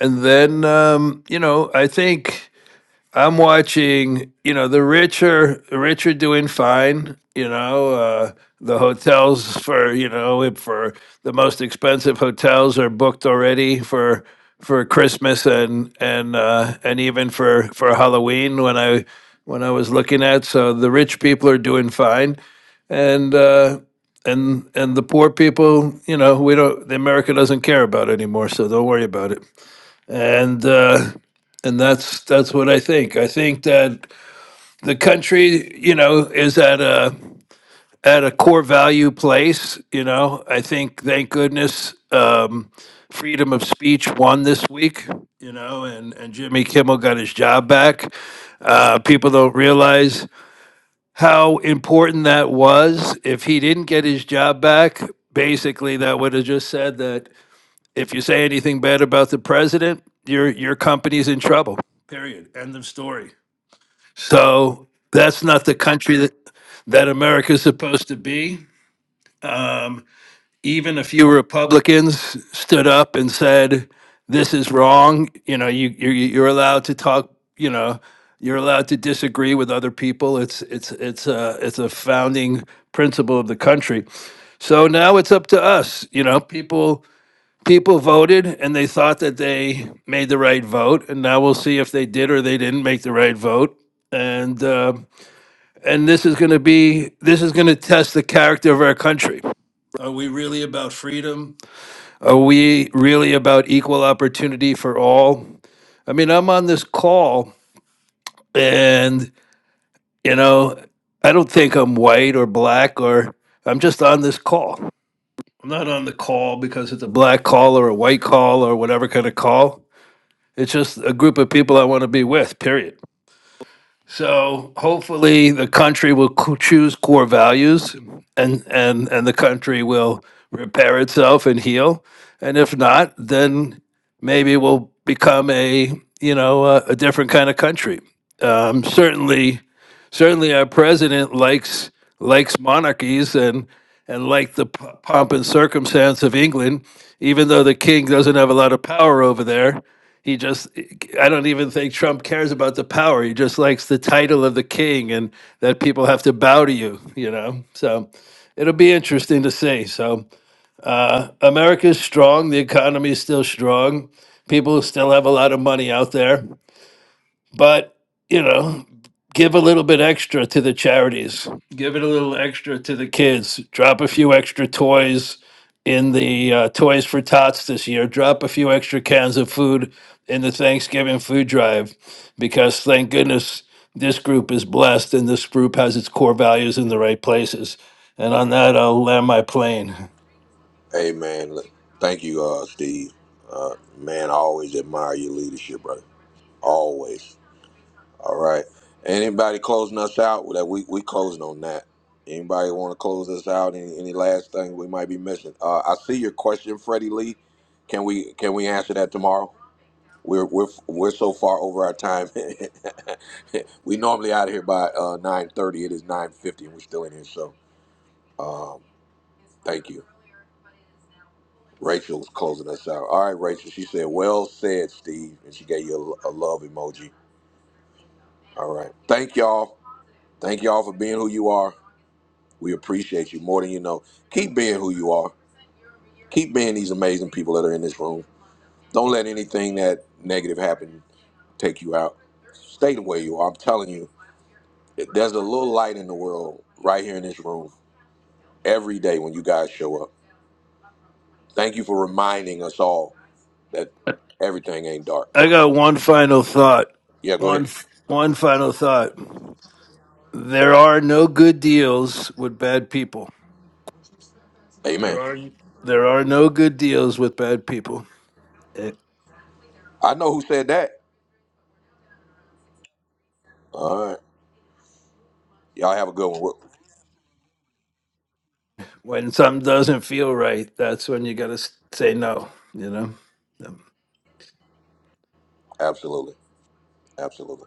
K: and then um, you know I think. I'm watching, you know, the rich are the rich are doing fine. You know, uh, the hotels for you know if for the most expensive hotels are booked already for for Christmas and and uh, and even for for Halloween when I when I was looking at. So the rich people are doing fine, and uh, and and the poor people, you know, we don't. The America doesn't care about anymore, so don't worry about it and uh, and that's that's what I think. I think that the country, you know, is at a at a core value place. You know, I think thank goodness um, freedom of speech won this week. You know, and and Jimmy Kimmel got his job back. Uh, people don't realize how important that was. If he didn't get his job back, basically that would have just said that if you say anything bad about the president, your your company's in trouble. Period. End of story. So that's not the country that that America's supposed to be. Um, even a few Republicans stood up and said, "This is wrong." You know, you you're, you're allowed to talk. You know, you're allowed to disagree with other people. It's it's it's a it's a founding principle of the country. So now it's up to us. You know, people people voted and they thought that they made the right vote and now we'll see if they did or they didn't make the right vote and uh, and this is going to be this is going to test the character of our country are we really about freedom are we really about equal opportunity for all i mean i'm on this call and you know i don't think i'm white or black or i'm just on this call i'm not on the call because it's a black call or a white call or whatever kind of call It's just a group of people I want to be with, period. So hopefully the country will co- choose core values and, and, and the country will repair itself and heal. And if not, then maybe we'll become a, you know, a, a different kind of country. Um, certainly certainly our president likes likes monarchies and and like the p- pomp and circumstance of England, even though the king doesn't have a lot of power over there. He just, I don't even think Trump cares about the power. He just likes the title of the king and that people have to bow to you, you know? So it'll be interesting to see. So uh, America's strong. The economy is still strong. People still have a lot of money out there but you know give a little bit extra to the charities give it a little extra to the kids drop a few extra toys in the uh, toys for tots this year drop a few extra cans of food in the thanksgiving food drive because thank goodness this group is blessed and this group has its core values in the right places and on that i'll land my plane
A: Hey man, look, thank you, uh, Steve. Uh, man, I always admire your leadership, brother. Always. All right. Anybody closing us out? Well, That we we closing on that. Anybody want to close us out? Any any last thing we might be missing? Uh, I see your question, Freddie Lee. Can we can we answer that tomorrow? We're we're we're so far over our time. we normally out of here by uh, nine thirty. It is nine fifty, and we're still in here. So, um, thank you. Rachel's closing us out. All right, Rachel. She said, "Well said, Steve," and she gave you a, a love emoji. All right. Thank y'all. Thank y'all for being who you are. We appreciate you more than you know. Keep being who you are. Keep being these amazing people that are in this room. Don't let anything that negative happen take you out. Stay the way you are. I'm telling you. There's a little light in the world right here in this room every day when you guys show up. Thank you for reminding us all that everything ain't dark.
K: i got one final thought
A: Yeah, go
K: one
A: ahead.
K: f- one final thought There are no good deals with bad people. There
A: Amen.
K: are there are no good deals with bad people. It,
A: I know who said that. All right. Y'all have a good one.
K: when something doesn't feel right, that's when you got to say no. You know. Yep.
A: Absolutely. Absolutely.